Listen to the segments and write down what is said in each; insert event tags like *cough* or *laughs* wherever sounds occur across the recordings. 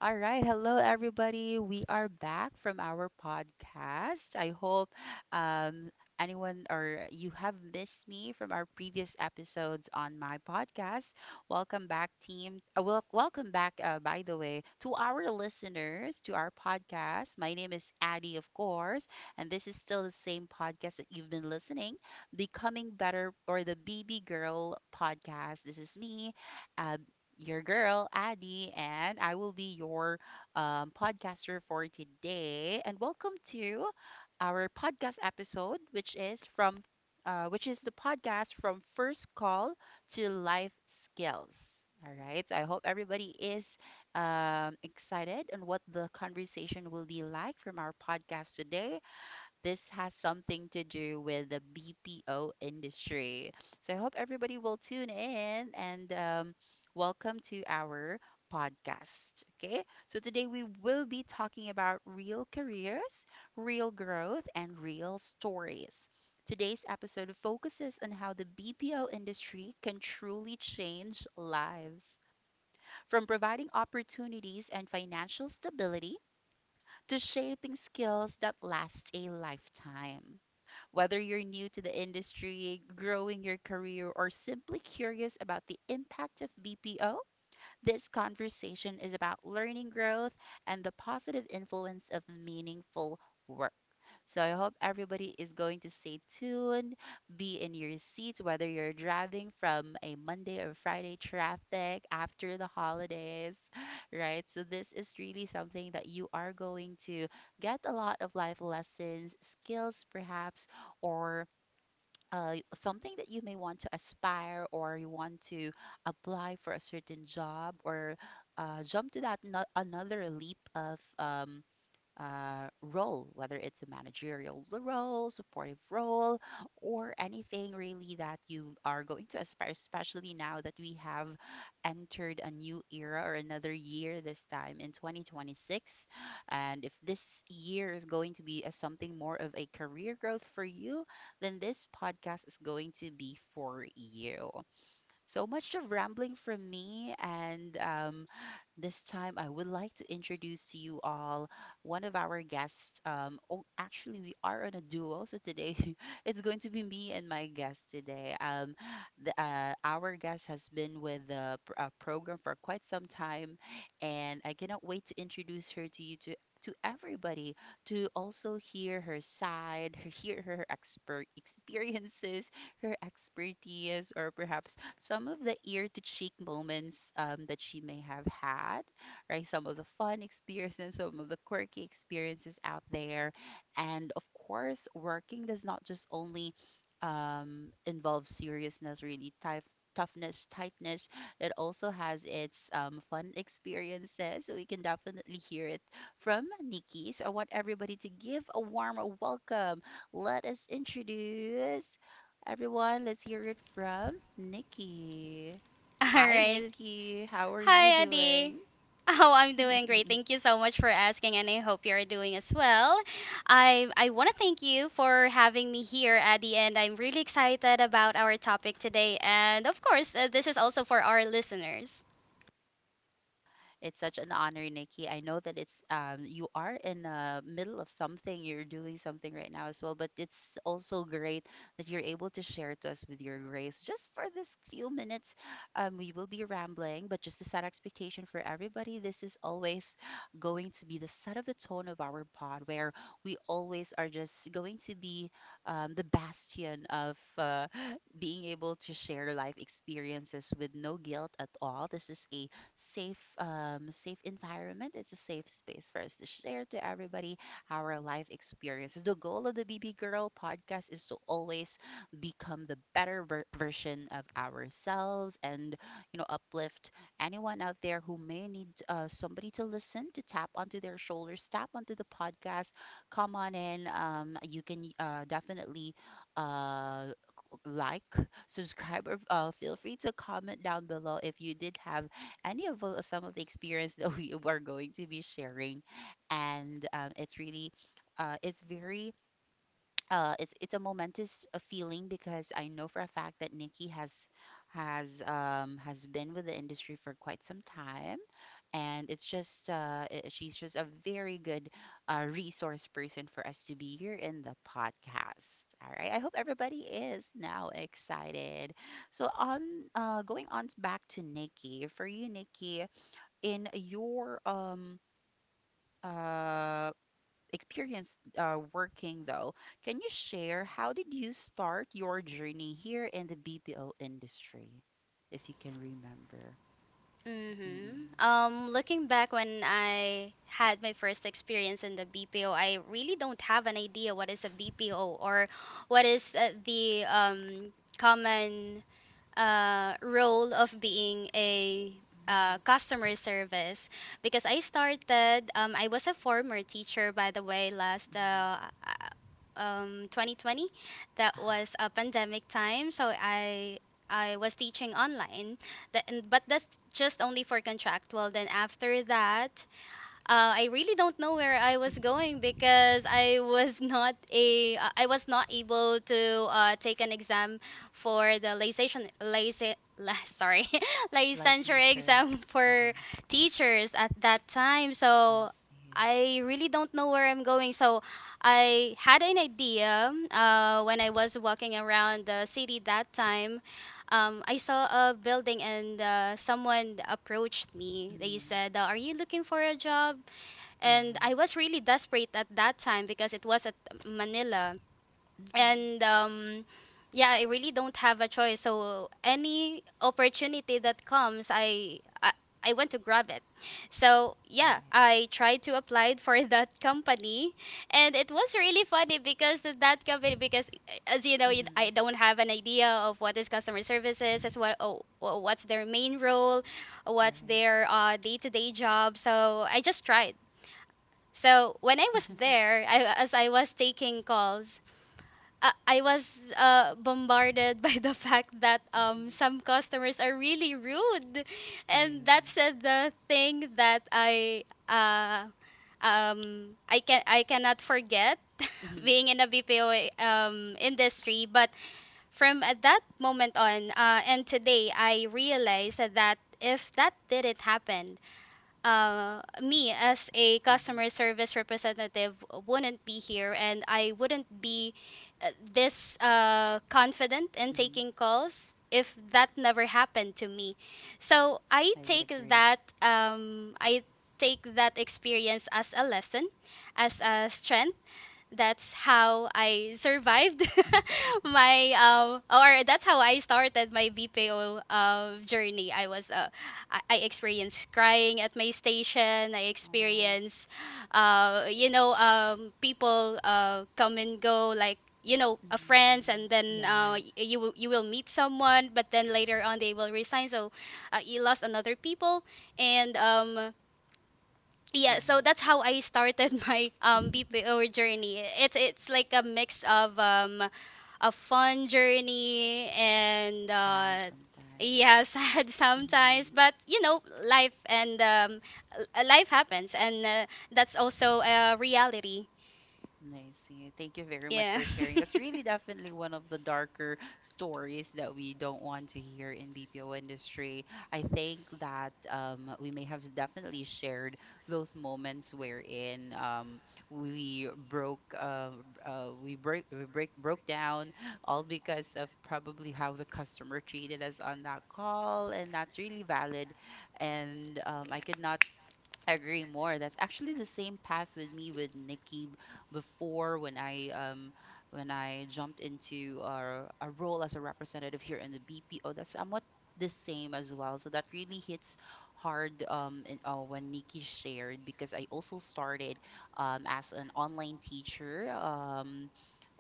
All right. Hello, everybody. We are back from our podcast. I hope um, anyone or you have missed me from our previous episodes on my podcast. Welcome back, team. Welcome back, by the way, to our listeners, to our podcast. My name is Addie, of course, and this is still the same podcast that you've been listening. Becoming Better or the BB Girl podcast. This is me. Uh, your girl, Addie, and I will be your podcaster for today. And welcome to our podcast episode, which is the podcast from first call to life skills. All right, so I hope everybody is excited on what the conversation will be like from our podcast today. This has something to do with the BPO industry. So I hope everybody will tune in, and welcome to our podcast. Okay, so today we will be talking about real careers, real growth, and real stories. Today's episode focuses on how the BPO industry can truly change lives, from providing opportunities and financial stability to shaping skills that last a lifetime. Whether you're new to the industry, growing your career, or simply curious about the impact of BPO, this conversation is about learning, growth, and the positive influence of meaningful work. So I hope everybody is going to stay tuned, be in your seats, whether you're driving from a Monday or Friday traffic after the holidays, *laughs* right? So this is really something that you are going to get a lot of life lessons, skills perhaps, or something that you may want to aspire, or you want to apply for a certain job, or jump to that no- another leap of role, whether it's a managerial role, supportive role, or anything really that you are going to aspire, especially now that we have entered a new era or another year this time in 2026. And if this year is going to be a, something more of a career growth for you, then this podcast is going to be for you. So much of rambling from me, and this time I would like to introduce to you all one of our guests. Oh, actually, we are on a duo, so today *laughs* it's going to be me and my guest today. Our guest has been with the program for quite some time, and I cannot wait to introduce her to you, to everybody, to also hear her side, *laughs* hear her expert experiences, her expertise, or perhaps some of the ear to cheek moments that she may have had, right? Some of the fun experiences, some of the quirky experiences out there. And of course, working does not just only involve seriousness, really tough, toughness, tightness. It also has its fun experiences. So we can definitely hear it from Nikki. So I want everybody to give a warm welcome. Let us introduce everyone. Let's hear it from Nikki. *laughs* All Hi, right. Nikki. How are you Hi, Adi. doing? *laughs* Oh, I'm doing great. Thank *laughs* you so much for asking, and I hope you're doing as well. I want to thank you for having me here, Adi, and I'm really excited about our topic today. And of course, this is also for our listeners. It's such an honor, Nikki. I know that it's you are in the middle of something. You're doing something right now as well, but it's also great that you're able to share to us with your grace. Just for this few minutes, we will be rambling, but just to set expectation for everybody, this is always going to be the set of the tone of our pod, where we always are just going to be the bastion of *laughs* being able to share life experiences with no guilt at all. This is a safe environment. It's a safe space for us to share to everybody our life experiences. The goal of the BB Girl podcast is to always become the better version of ourselves, and you know, uplift anyone out there who may need somebody to listen to, tap onto their shoulders, tap onto the podcast. Come on in. You can definitely uh, like, subscribe, or feel free to comment down below if you did have any of some of the experience *laughs* that we are going to be sharing, and uh, it's very, it's a momentous feeling, because I know for a fact that Nikki has been with the industry for quite some time, and it's just she's just a very good resource person for us to be here in the podcast. All right, I hope everybody is now excited. So on going on back to Nikki, for you Nikki, in your uh experience working though, can you share how did you start your journey here in the BPO industry, if you can remember? Mm-hmm. Mm-mm. Looking back when I had my first experience in the BPO, I really don't have an idea what is a BPO or what is the common role of being a Mm-hmm. Customer service because I started, I was a former teacher, by the way, last Mm-hmm. 2020. That Uh-huh. was a pandemic time, so I was teaching online. But that's just only for contractual. Then after that, I really don't know where I was going Mm-hmm. because I was *laughs* not a I was not able to take an exam for the licensure license *laughs* sorry *laughs* licensure Licensure. exam for Uh-huh. teachers at that time. I So see. I really don't know where I'm going. So I had an idea when I was walking around the city that time. I saw a building, and someone approached me. They Mm. said, "Are you looking for a job?" And I Right. was really desperate at that time because it was at Manila, and Mm-hmm. Yeah, I really don't have a choice, so any opportunity that comes, I want to grab it. So yeah, Right. I tried to apply for *laughs* that company, and it was really funny because that company because as you know, I Mhm. don't have an idea of what is customer services as what's their main role, what's Right. their day-to-day job, so I just tried. So when I was *laughs* there, as I was taking calls, I was bombarded *laughs* by the fact that some customers are really rude, Mhm. and Really. that's the thing that I cannot forget *laughs* Mhm. being in a BPO industry. But from at that moment on, and today, I realized that if that didn't happen, me as a Mhm. customer service representative wouldn't be here, and I wouldn't be this confident in Mhm. taking calls if that never happened to me. So I would agree. I take that experience as a lesson, as Mhm. a strength. That's how I survived *laughs* *laughs* my or that's how I started my BPO journey. I was I experienced crying at my station. I Oh. experienced people come and go, like friends, Mm, and then yeah. You will, you will meet someone, but then later on they will resign, so you lost another people. And All yeah, so right. that's how I started *laughs* my bpo *laughs* journey. It's like a mix of a fun journey, and Sad sometimes. yeah, *laughs* sad sometimes, Mhm. but you know, life and life happens, and that's also a reality. I see. Thank you very much Yeah. for sharing. That's really definitely one of the darker stories that we don't want to hear in BPO industry. I think that we may have definitely shared those moments wherein we broke, we break, broke down, all because of probably how the customer treated us *laughs* on that call, and that's really valid. And I could not, I agree more. That's actually the same path with me with Nikki before when I when I jumped into a role as a representative here in the BPO. That's somewhat the same as well. So that really hits hard when Nikki shared, because I also started as an online teacher,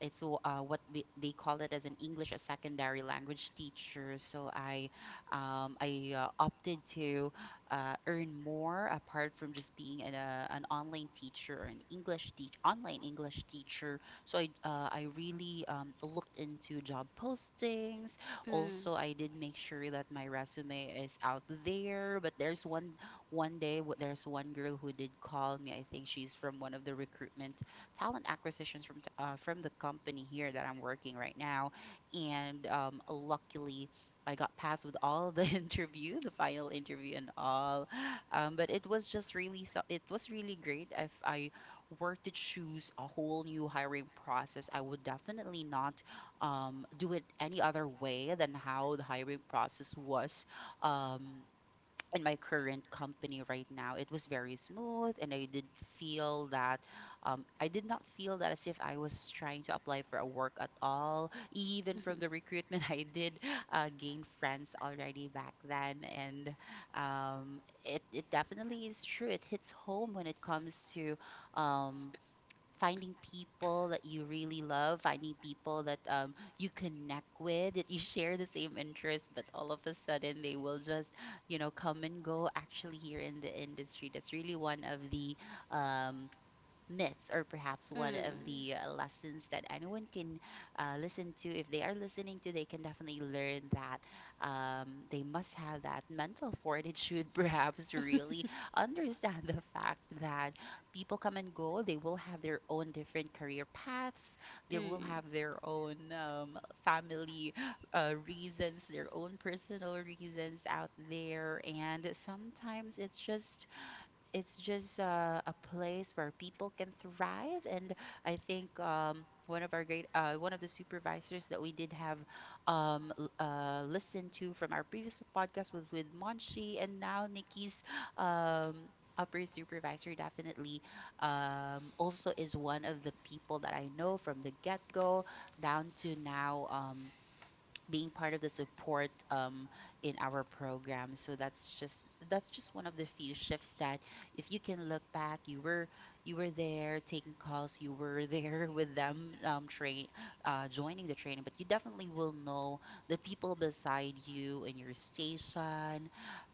what we, they call it as an English a secondary language teacher. So I opted to earn more apart from just being an online teacher, or an English teach online English teacher. So I really looked into job postings. Mm. Also, I did make sure that my resume is out there. But there's one one day there's one girl who did call me. I think she's from one of the recruitment talent acquisitions from from the company here that I'm working right now. And luckily I got passed with all the *laughs* interview, the final interview and all. But it was just really, so it was really great. If I were to choose a whole new hiring process, I would definitely not do it any other way than how the hiring process was. Um, in my current company right now, it was very smooth, and I did feel that I did not feel that as if I was trying to apply for a work at all. Even from the recruitment, *laughs* I did gain friends already back then, and it definitely is true. It hits home when it comes to um, finding people that you really love, finding people that you connect with, that you *laughs* share the same interests, but all of a sudden they will just, you know, come and go. Actually, here in the industry, that's really one of the um, myths, or perhaps one of the lessons that anyone can listen to. If they are listening to, they can definitely learn that they must have that mental fortitude *laughs* perhaps, to Mm. really understand the fact that people come and go. They will have their own different career paths, *laughs* they will Mm. have their own family reasons, their own personal reasons out there, and To sometimes it's just a place where people can thrive. And I think one of the supervisors that we did have listened to from our previous podcast was with Monshi, and now Nikki's um, upper supervisor definitely also is one of the people that I know from the get-go down to now now. down Being being part of the part. support in our program. So that's just one of the few shifts that if you can look back, you were there taking calls, you were there *laughs* with them, train joining the training, but you definitely will know the people beside you in your station.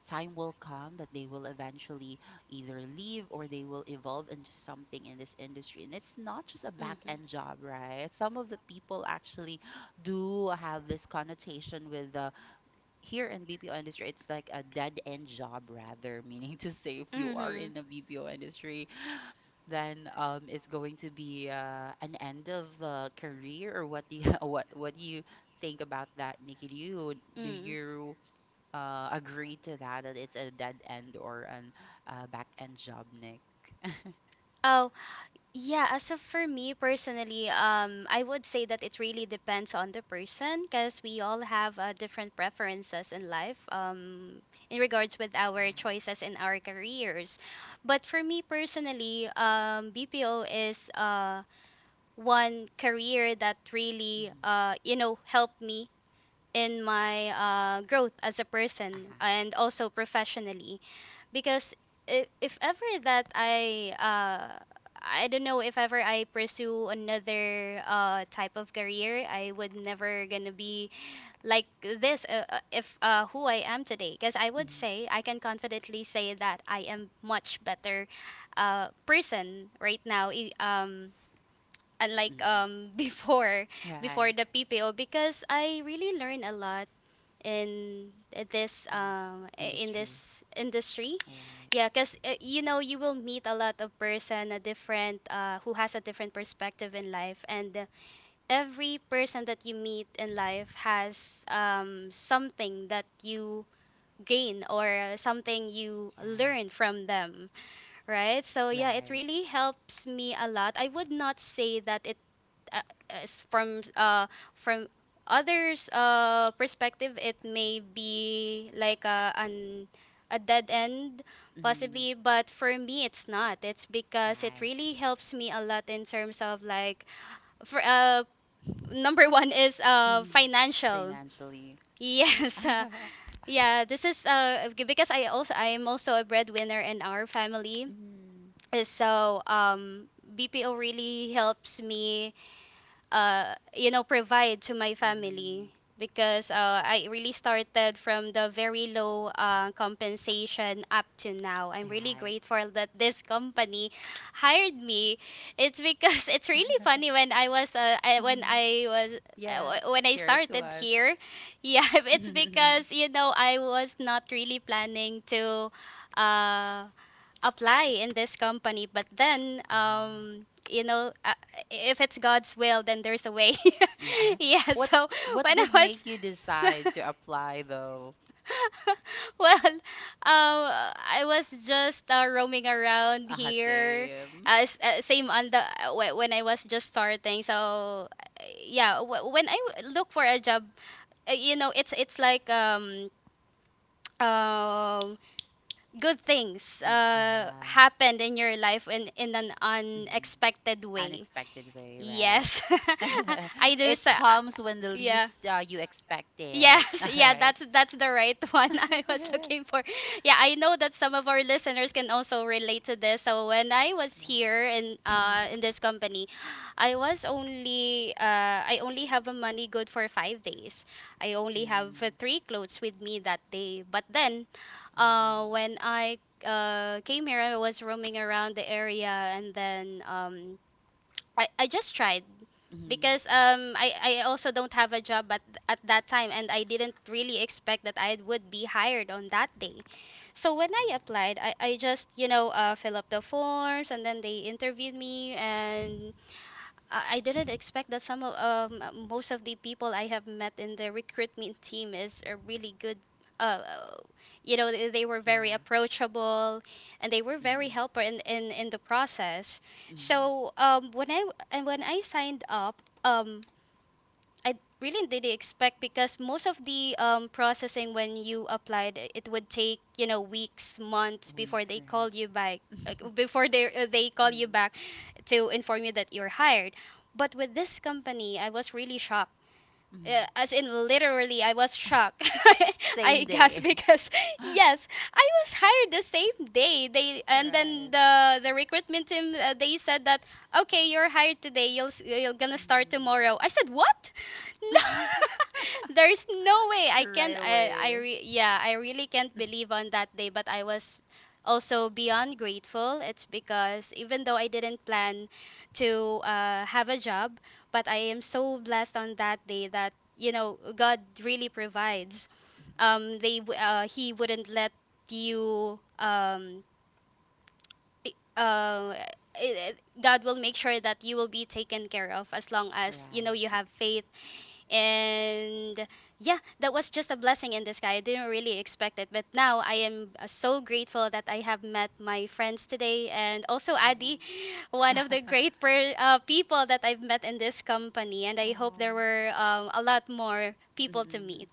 Time will come that they will eventually either leave, or they will evolve into something in this industry. And it's not just a back end job, right? Some of the people actually do have this connotation with the here in BPO industry, it's like a dead end job rather, *laughs* meaning to say if Mm-hmm. you are in Mm-hmm. the BPO industry, then it's going to be an end of the career, or what do you, *laughs* what do you think about that, Nikki? Do you do Mm. you uh, agree to that that it's a dead end or an back end job, Nick? Oh, yeah. As of for me personally, I would say that it really depends on the person because we all have different preferences in life, in regards with our Right. choices in our careers. But for me personally, BPO is one career that really, Mm-hmm. You know, helped me in my growth as a person Uh-huh. and also professionally because if ever that I don't know, if ever I pursue another type of career, I would never gonna be like this if who I am today, because I would Mm-hmm. say I can confidently say that I am much better person right now, unlike Mm-hmm. *laughs* Before Right. the PPO, because I really learned a lot in In this industry. this industry. Right. Yeah, because you know, you will meet a lot of person, a different who has a different perspective in life, and every person that you meet in life has something that you gain or something you Yeah. learn from them, right? So yeah, it Right. really helps me a lot. I would not say that it uh, is from others' perspective, it Perspective. may be like a an a dead end Mm. possibly, but for me it's not, it's because it Right. really helps me a lot in terms of like for number one is Mm. financial. *laughs* Financially. Yes. *laughs* Yeah, this is because I am also a breadwinner in our family. Mm. Uh, So um BPO really helps me you know, provide to my family Mm. because I really started from the very low compensation up to now. I'm really Right. grateful that this company hired me. It's because *laughs* it's really funny *laughs* when when Mm. I was Yeah. When I Share it to started us. here. Yeah, *laughs* it's *laughs* because you know, I was not really planning to uh apply in this company, but then Ah. You know, if it's god's will, then there's a way. Yeah. *laughs* *laughs* Yeah, What so What when I did was make you *laughs* decide to apply though? well um I was just roaming around Uh-huh, here, same. Same on the when I was just starting. So yeah, look for a job, you know, it's like um good things Yes, uh-huh. happened in your life in an Mhm. unexpected way. Unexpected way, right? Yes, *laughs* *laughs* I do. It So, comes when the yeah. least you expect it. *laughs* Yes, *laughs* All yeah, right. that's the right *laughs* one I was *laughs* looking for. Yeah, I know that some of our listeners can also relate to this. So when I was Right. here in Mm-hmm. This company, I was only I only have a money good for 5 days. I only have Mm-hmm. three clothes with me that day. But then, Oh. when I came here, I was roaming around the area, and then I just tried Mm-hmm. because I also don't have a job at that time, and I didn't really expect that I would be hired on that day. So when I Oh. applied, I just, you know, fill up the forms, and then they interviewed me, and I didn't expect that some of most of the people I have met in the recruitment team is a really good. Uh, uh, you know, they were very Yeah. approachable, and they were very Mm-hmm. helper in the process. Mm-hmm. So when I and when I signed up, I really didn't expect because most of the processing when you applied, it would take, you know, weeks, months before Weeks, they call right? you back, *laughs* before they call you Mm. back to inform you that you're hired. But with this company, I was really shocked, Mm. as in literally, I was shocked. *laughs* *laughs* Same I guess day. *laughs* because *laughs* yes, I was hired the same day. Right. The recruitment team, they said that, okay, you're hired today. You're gonna start Mm. tomorrow. I said, what? *laughs* No, *laughs* *laughs* there's no way. I Right can. I away. re, yeah, I really can't believe on that day. But I was also beyond grateful. It's because even though I didn't plan to have a job, but I am so blessed on that day that, you know, God really provides. *laughs* He wouldn't let you. I- uh, i- i- God will make sure that you will be taken care of as long as, you know, Right. you have faith. And yeah, that was just a blessing in the sky. I didn't really expect it, but now I am so grateful that I have met my friends today, and also Adi, one of the Uh-huh. *laughs* great people that I've met in this company. And I hope there Oh. were a lot more people to meet. Mm-mm.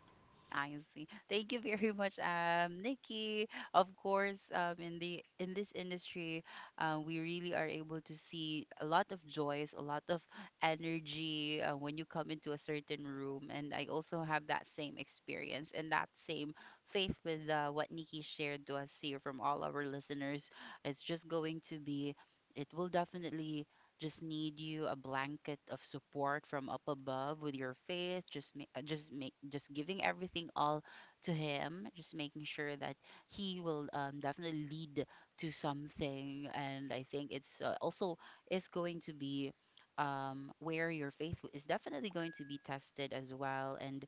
I see. Thank you very much, Nikki. Of course, in the in this industry, we really are able to see a lot of joys, a lot of energy when you come into a certain room. And I also have that same experience and that same faith with what Nikki shared to us here from all our listeners. It's just going to be. It will definitely just need you a blanket of support from up above with your faith just just make just giving everything all to him, just making sure that he will definitely lead to something. And I think it's also is going to be where your faith is definitely going to be tested as well. And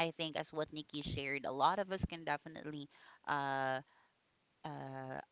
I think as what Nikki shared, a lot of us can definitely uh, uh,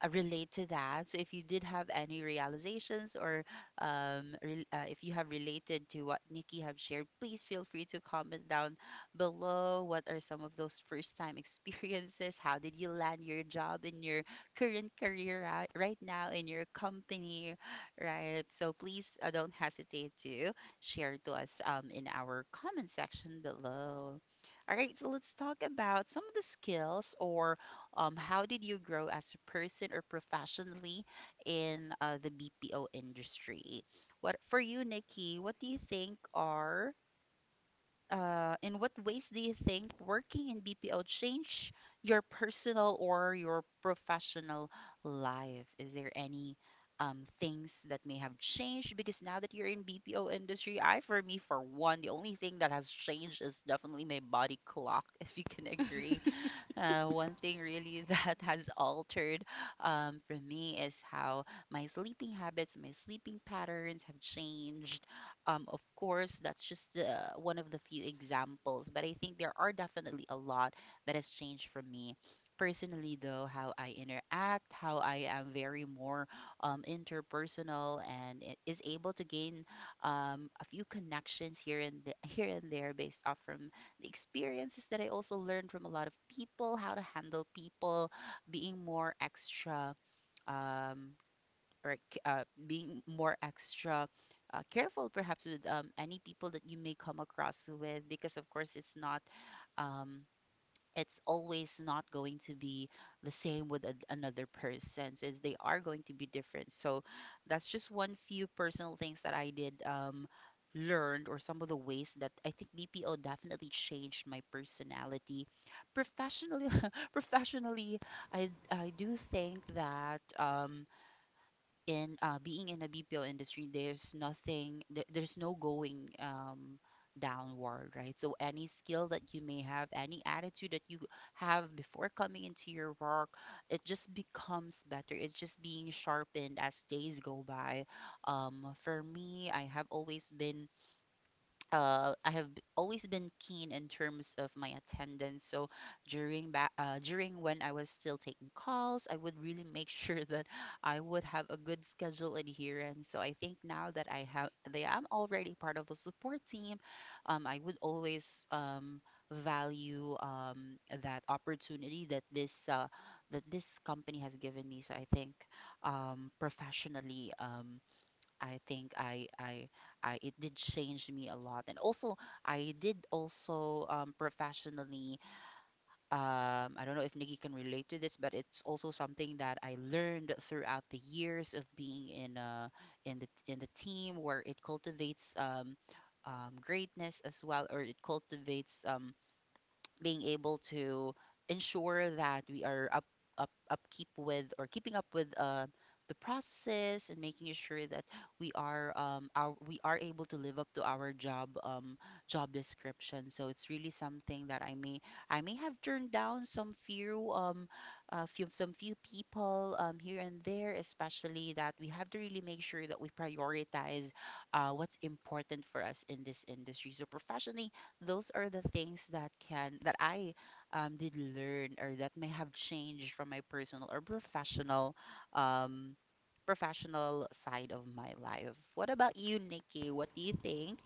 relate to that. So if you did have any realizations or if you have related to what Nikki have shared, please feel free to comment down below. What are some of those first time *laughs* experiences? How did you land your job in your current career right now in your company, right? So please don't hesitate to share to us in our comment section below. All right, so let's talk about some of the skills or how did you grow as a person or professionally in the BPO industry? What for you, Nikki? What do you think are in what ways do you think working in BPO change your personal or your professional life? Is there any things that may have changed? Because now that you're in BPO industry, I, for me, for one, the only thing that has changed is definitely my body clock, *laughs* if you can agree. *laughs* One thing really *laughs* that has altered for me is how my sleeping habits, my sleeping patterns have changed. Of course, that's just one of the few examples, but I think there are definitely a lot that has changed for me. Personally, though, how I interact, how I am very more interpersonal and is able to gain a few connections here and *laughs* here and there based off from the experiences that I also learned from a lot of people, how to handle people, being more extra, um, or being more extra careful perhaps with any people that you may come across with, because of course it's not. Um, it's always not going to be the same with another person since they are going to be different. So that's just one few personal things that I did learned, or some of the ways that I think BPO definitely changed my personality professionally. *laughs* Professionally, I do think that in being in a BPO industry, there's nothing, there, there's no going downward, right? So any skill that you may have, any attitude that you have before coming into your work, it just becomes better. It's just being sharpened as days go by. For me, I have always been always been keen in terms of my attendance. So during when I was still taking calls, I would really make *laughs* sure that I would have a good schedule adherence. So I think now that I have, they am already part of the support team. I would always value that opportunity that this company has given me. So I think professionally I think I it did change me a lot, and also I did also, professionally. I don't know if Nikki can relate to this, but it's also something that I learned throughout the years of being in in the team where it cultivates greatness as well, or it cultivates being able to ensure that we are up up upkeep with, or keeping up with, the processes and making sure that we are able to live up to our job description. So it's really something that I may have turned down some few people here and there, especially that we have to really make sure that we prioritize what's important for us in this industry. So professionally, those are the things that can that I did learn or that may have changed from my personal or um, professional side of my life. What about you, Nikki? What do you think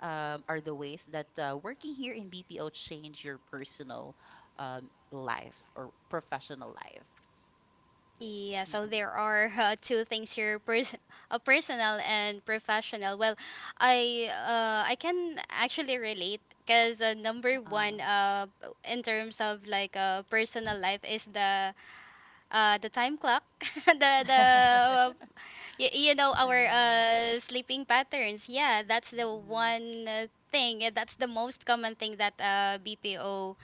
are the ways that working here in BPO changed your personal life or professional life? Yeah, so Mm-mm. there are *laughs* two things here, personal and professional. Well, I can actually relate because number Uh, one, in terms of like personal life is the time clock, *laughs* the the *laughs* uh, you know, all our right. Sleeping patterns. Yeah, that's the Mm-mm. one thing. That's the most common thing that BPO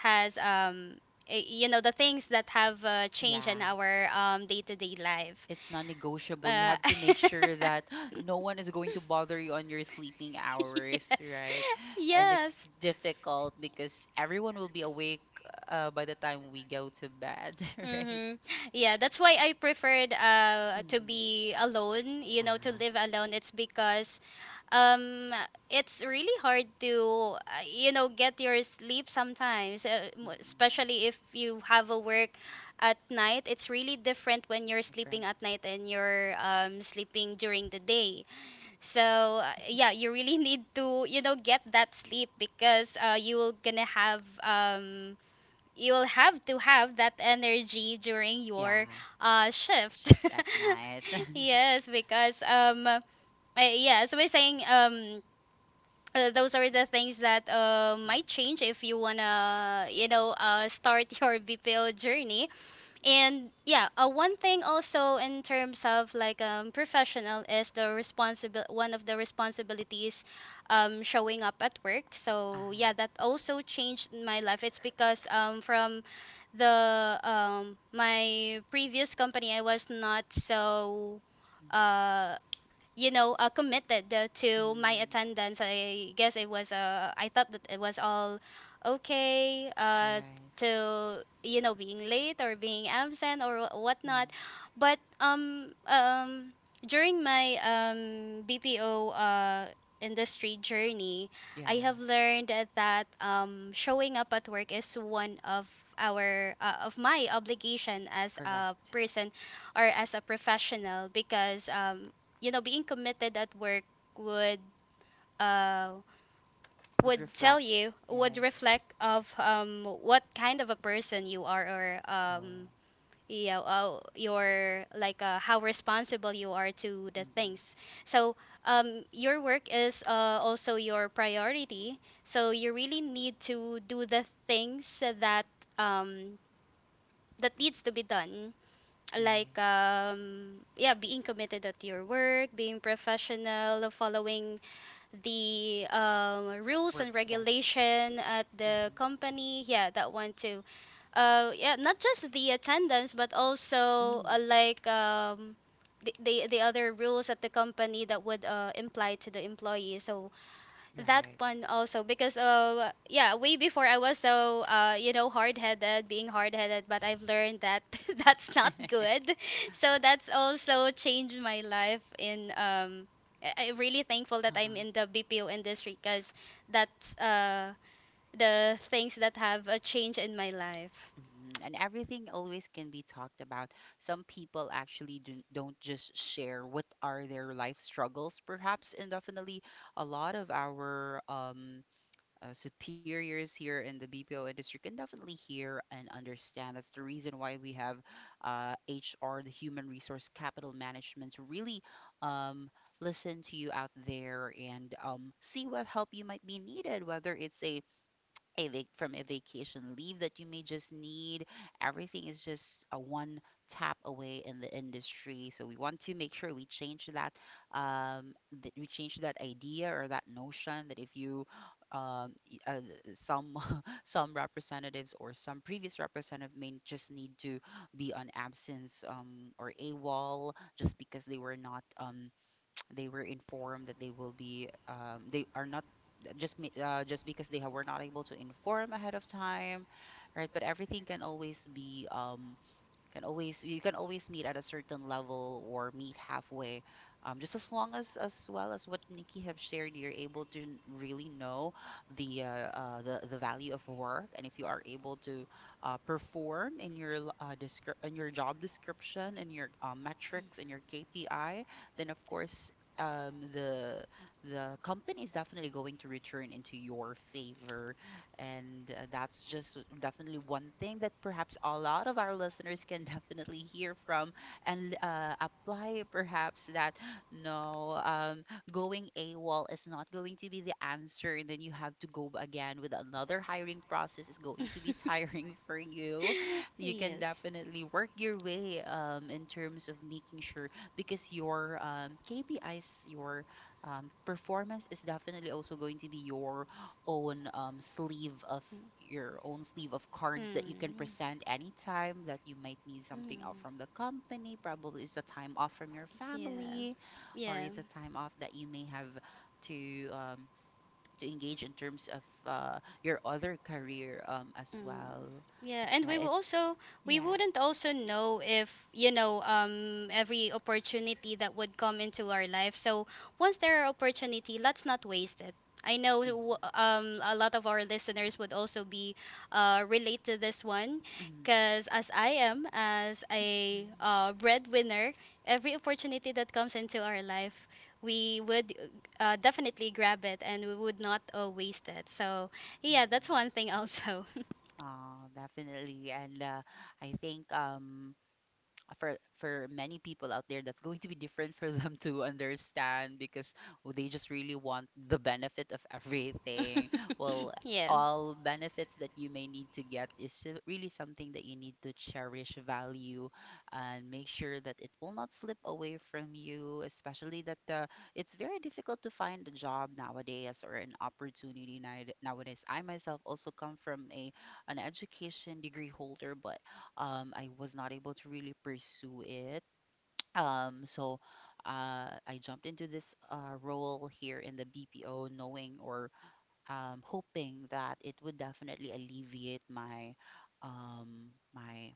has you know, the things that have changed in Yeah. our day-to-day life. It's non-negotiable. You uh, have to make sure that *laughs* *gasps* no one is going to bother you on your sleeping hours, yes, right? And it's yes. difficult because everyone will be awake by the time we go to bed, *laughs* right? Mm-hmm. Yeah, that's why I preferred to Mm. be alone, you know, to Ah, live alone. It's because um it's really hard to you know, get your sleep sometimes, mm-mm. especially if you have a work at night. It's really different when you're sleeping Different. at night and you're sleeping during the day. so yeah, you really *laughs* need to, you know, get that sleep because you will gonna have you will have to have that energy during your Yeah, shift. shift at night. *laughs* *laughs* Yes, because yeah, so we're saying, those are the things that Mm. might change if you wanna, you know, start *laughs* your BPO journey. And yeah, one thing also in terms of like professional is the responsible one of the responsibilities, showing up at work. So Uh-huh. yeah, that also changed my life. It's because from the my previous company, I was not so. Uh, you know, committed to my Mm. attendance. I guess it was I thought that it was all okay, Right. to, you know, being late or being absent or whatnot. Mm. But during my BPO industry journey, Yeah, I have learned that showing up at work is one of our of my obligation as a correct. person or as a professional, because you know, being committed at work would uh Would would tell you reflect, would right? reflect of what kind of a person you are, or Oh, yeah, your like how responsible you are to the mm-mm. things. so your work is also your priority, so you really need to do the things that um that needs to be done, Right. Yeah, being committed at your work, being professional, following the rules and Work schedules. regulation at the Mm-hmm. company. Yeah, that one too. Uh, yeah not just the attendance but also, Mm. The, the other rules at the company that would imply to the employee. So that one also, because yeah, way before I was so uh, you know, hard headed, but I've learned that *laughs* that's not Right. *laughs* good. So that's also changed my life in. I'm really thankful that I'm Uh-huh. in the BPO industry, because that's the things that have a change in my life. Mhm. And everything always can be talked about. Some people actually do, don't just share what are their life struggles, perhaps. And definitely, a lot of our superiors here in the BPO industry can definitely hear and understand. That's the reason why we have HR, the human resource capital management, to really um, listen to you out there and see what help you might be needed, whether it's a from a vacation leave that you may just need. Everything is just a one tap away in the industry. So we want to make sure we change that um, that we change that idea or that notion that if you y- some *laughs* some representatives or some previous representative may just need to be on absence, or AWOL, just because they were not they were informed that they will be, they are not just because they were not able to inform ahead of time, right? But everything can always be, can always you can always meet at a certain level or meet halfway. Just as long as well as what Nikki have shared, you're able to really know the uh, the value of work, and if you are able to perform in your in your job description and your metrics and your KPI, then of course. Um, the the company is definitely going to return into your favor, and that's just definitely one thing that perhaps a lot of our listeners can *laughs* definitely hear from and apply, perhaps, that no, going AWOL is not going to be the answer, and then you have to go again with another hiring process is going to be *laughs* tiring *laughs* for you. *laughs* You can Yes. definitely work your way in terms of making sure because your KPIs, your performance is definitely also going to be your own sleeve of your own sleeve of cards that you can Mm. present anytime that you might need something out Mm. from the company. Probably it's a time off from your Yeah. family, or Yeah. it's a time off that you may have to um, to engage in terms of your other career as Mm. well, Yeah, and right? We Yeah. wouldn't also know if, you know, every opportunity that would come into our life. So once there are opportunity, let's not waste it. I know Mm-hmm. A lot of our listeners would also be relate to this one Mm-hmm. because as as a breadwinner, every opportunity that comes into our life, we would definitely grab it and we would not waste it. So, yeah, that's one Mm-hmm. thing also. Oh, definitely. And I think for many people out there that's going to be different for *laughs* them to understand because, oh, they just really want the benefit of everything. Well, *laughs* Yeah. all benefits that you may need to get is really something that you need to cherish, value, and make sure that it will not slip away from you, especially that it's very difficult to find a job nowadays or an opportunity nowadays. I myself also come from a an education degree holder, but I was not able to really pursue it. So I jumped into this role here in the BPO, knowing or hoping that it would definitely alleviate my um, my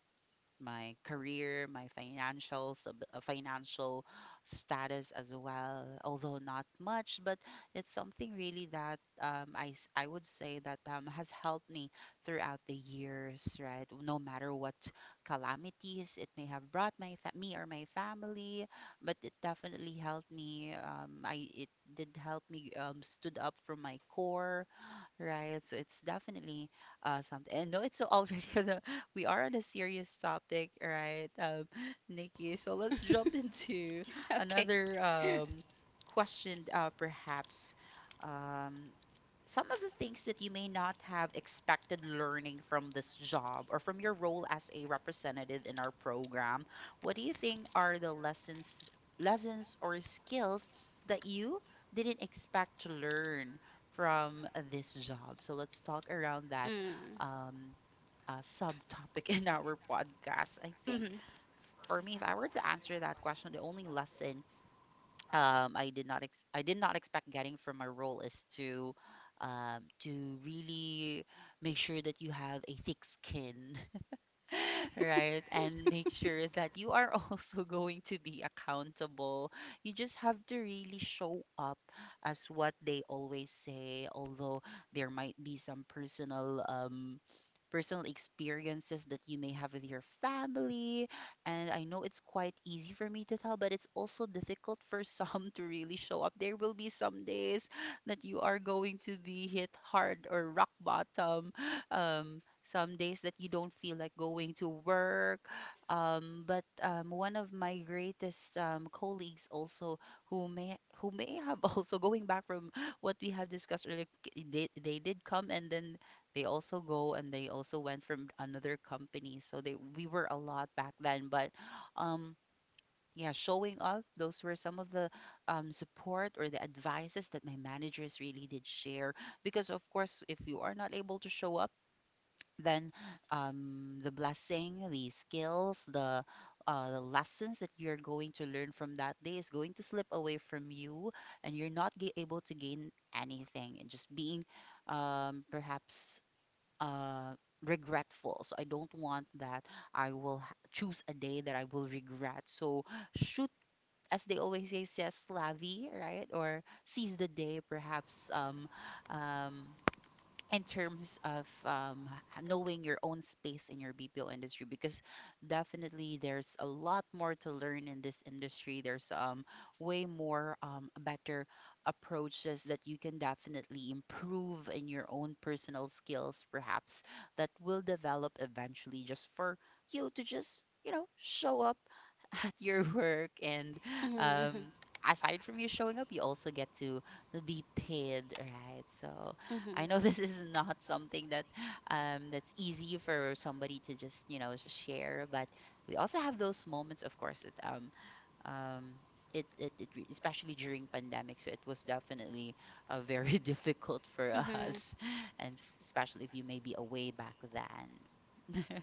my career, my financial status as well. Although not much, but it's something really that I would say that has helped me throughout the years, right? No matter what calamities it may have brought me or my family, but it definitely helped me. I it did help me stood up from my core, right? So it's definitely something. And no, it's already *laughs* we are on a serious topic, right, *gasps* *laughs* Nikki? So let's jump *laughs* *laughs* into Okay. another question, perhaps. Um, some of the things that you may not have expected learning from this job or from your role as a representative in our program. What do you think are the lessons or skills that you didn't expect to learn from this job? So let's talk around that Mm. um, subtopic *laughs* in our podcast. I think Mm-hmm. *laughs* for me, if I were to answer that question, the only lesson I did not expect getting from my role is to really make sure that you have a thick skin. *laughs* *laughs* Right? And make sure that you are also *laughs* going to be accountable. You just have to really show up as what they always say, although there might be some personal experiences that you may have with your family. And I know it's quite easy for me to tell, but it's also difficult for some *laughs* to really show up. There will be some days that you are going to be hit hard or rock bottom um some days that you don't feel like going to work. But one of my greatest colleagues also who may have *laughs* also going back from what we have discussed earlier, they did come and then they also go and they also went from another company. So they we were a lot back then, but um. Yeah, showing up, those were some of the support or the advices that my managers really did share. Because, of course, if you are not able to show up, then the blessing, the skills, the lessons that you're going to learn from that day is going to slip away from you, and you're not ga able to gain anything, and just being perhaps uh, regretful. So I don't want that. I will choose a day that I will regret. So shoot. As they always say, says Slavi, right? Or seize the day, perhaps um, in terms of knowing your own space in your BPO industry because definitely there's a lot more to learn in this industry. There's way more better approaches that you can definitely improve in your own personal skills, perhaps that will develop eventually just for you to just, you know, show up *laughs* at your work and Mm-hmm. um aside from you showing up you also get to be paid, right? So Mhm. I know *laughs* this is not something that that's easy for somebody to just, you know, share, but we also have those moments of course that um, it especially during pandemic, so it was definitely very *laughs* difficult for Mhm. us and especially if you may be away back then. *laughs*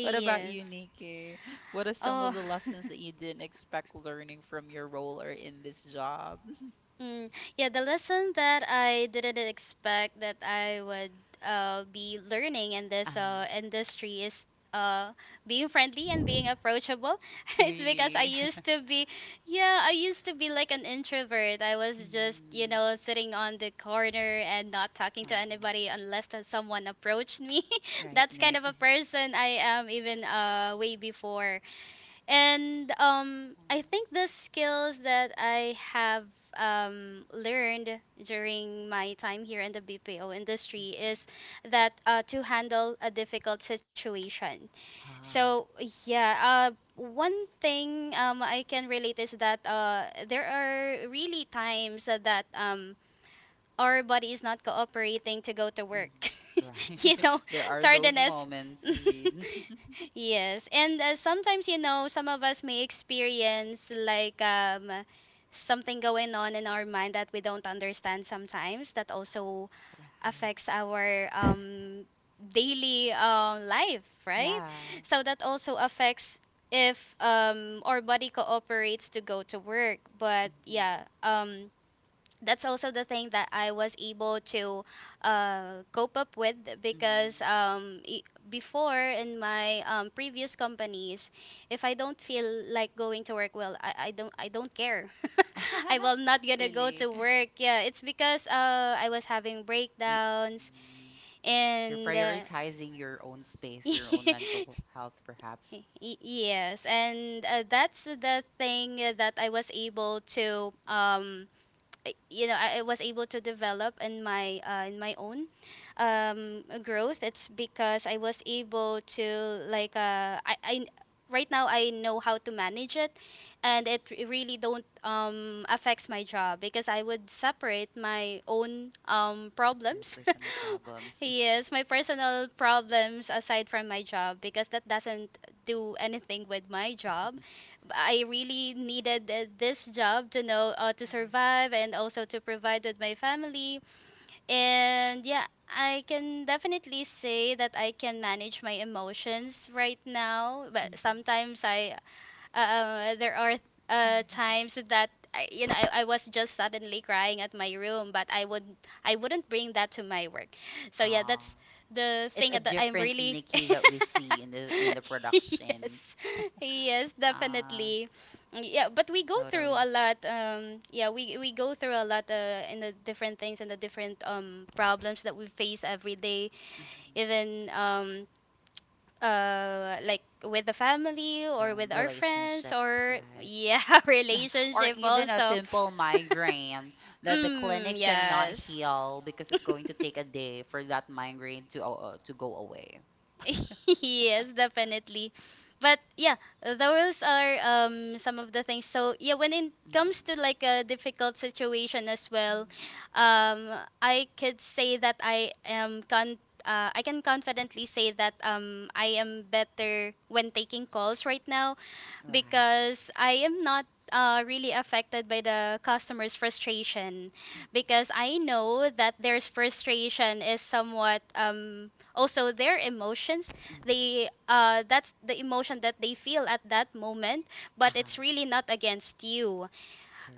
What about you, Nikki? What are some of Oh. the *laughs* lessons that you didn't expect learning from your role or in this job? *laughs* Mm, yeah, the lesson that I didn't expect that I would be learning in this Ah, industry is, uh, being friendly and being approachable. *laughs* It's because I really. used to be, yeah, I used to be like an introvert. I *laughs* was just, you mm, know, sitting on the corner and not talking to oh, anybody unless that someone approached me. *laughs* right, That's kind Nick. of *laughs* a person I am even way before. And Oh. I think the skills that I have learned during my time here in the BPO industry Mhm. is that, to handle a difficult situation. Ah. So yeah, one thing I can relate is that there are really times that our body is not cooperating to go to work. Mhm. *laughs* Right. You *laughs* know, There are those tardiness. *laughs* moments indeed. *laughs* Yes, and sometimes, you know, some of us may experience like something going on in our mind that we don't understand sometimes, that also affects our Right. Daily life, right? Yeah. So that also affects if our body cooperates to go to work, but Mhm. yeah, that's also the thing that I was able to cope up with, because Mhm. I before in my previous companies, if I don't feel like going to work, well, I don't care. *laughs* I will *laughs* not gonna go to Really? work. Yeah, it's because I was having You, breakdowns mm, you're and. Prioritizing your own space, your own *laughs* mental health, perhaps, Y- Yes, and that's the thing that I was able to you know, I was able to develop in my own growth. It's because I was able to like I right now I know how to manage it, and mm, really don't affects my job because I would separate my own your problems. personal *laughs* problems. Yes, my personal problems aside from my job, because that doesn't do anything with my job. *laughs* I really needed this job to know, to Right. survive and also to provide with my family. And yeah, I can definitely say that I can manage my emotions right now, but Hmm. sometimes I there are times that you know, I was just suddenly crying at my room, but I wouldn't bring that to my work. *laughs* So yeah, Ah, that's the it's thing a that I'm different really *laughs* Nikki that we see in the production. yes, yes, Ah, definitely. Yeah, but we go through a totally. lot. Yeah, we go through a lot in the different things and the different problems that we face every day. Mhm. Even like with the family or with our friends Relationships, or right? yeah *laughs* *laughs* Or relationship even a also. simple migraine *laughs* that the clinic Mm, cannot yes. heal because *laughs* it's going to take a day for that migraine to go away. *laughs* Yes, definitely. But yeah, those are some of the things. So yeah, when it comes Mm. to like a difficult situation as well, Mm. um, I could say that I am I can confidently say that I am better when taking calls right now, Right. because I am not really affected by the customer's frustration, because I know that their frustration is somewhat also their emotions. Mhm. Mhm. They That's the emotion that they feel at that moment, but Uh-huh. it's really not against you.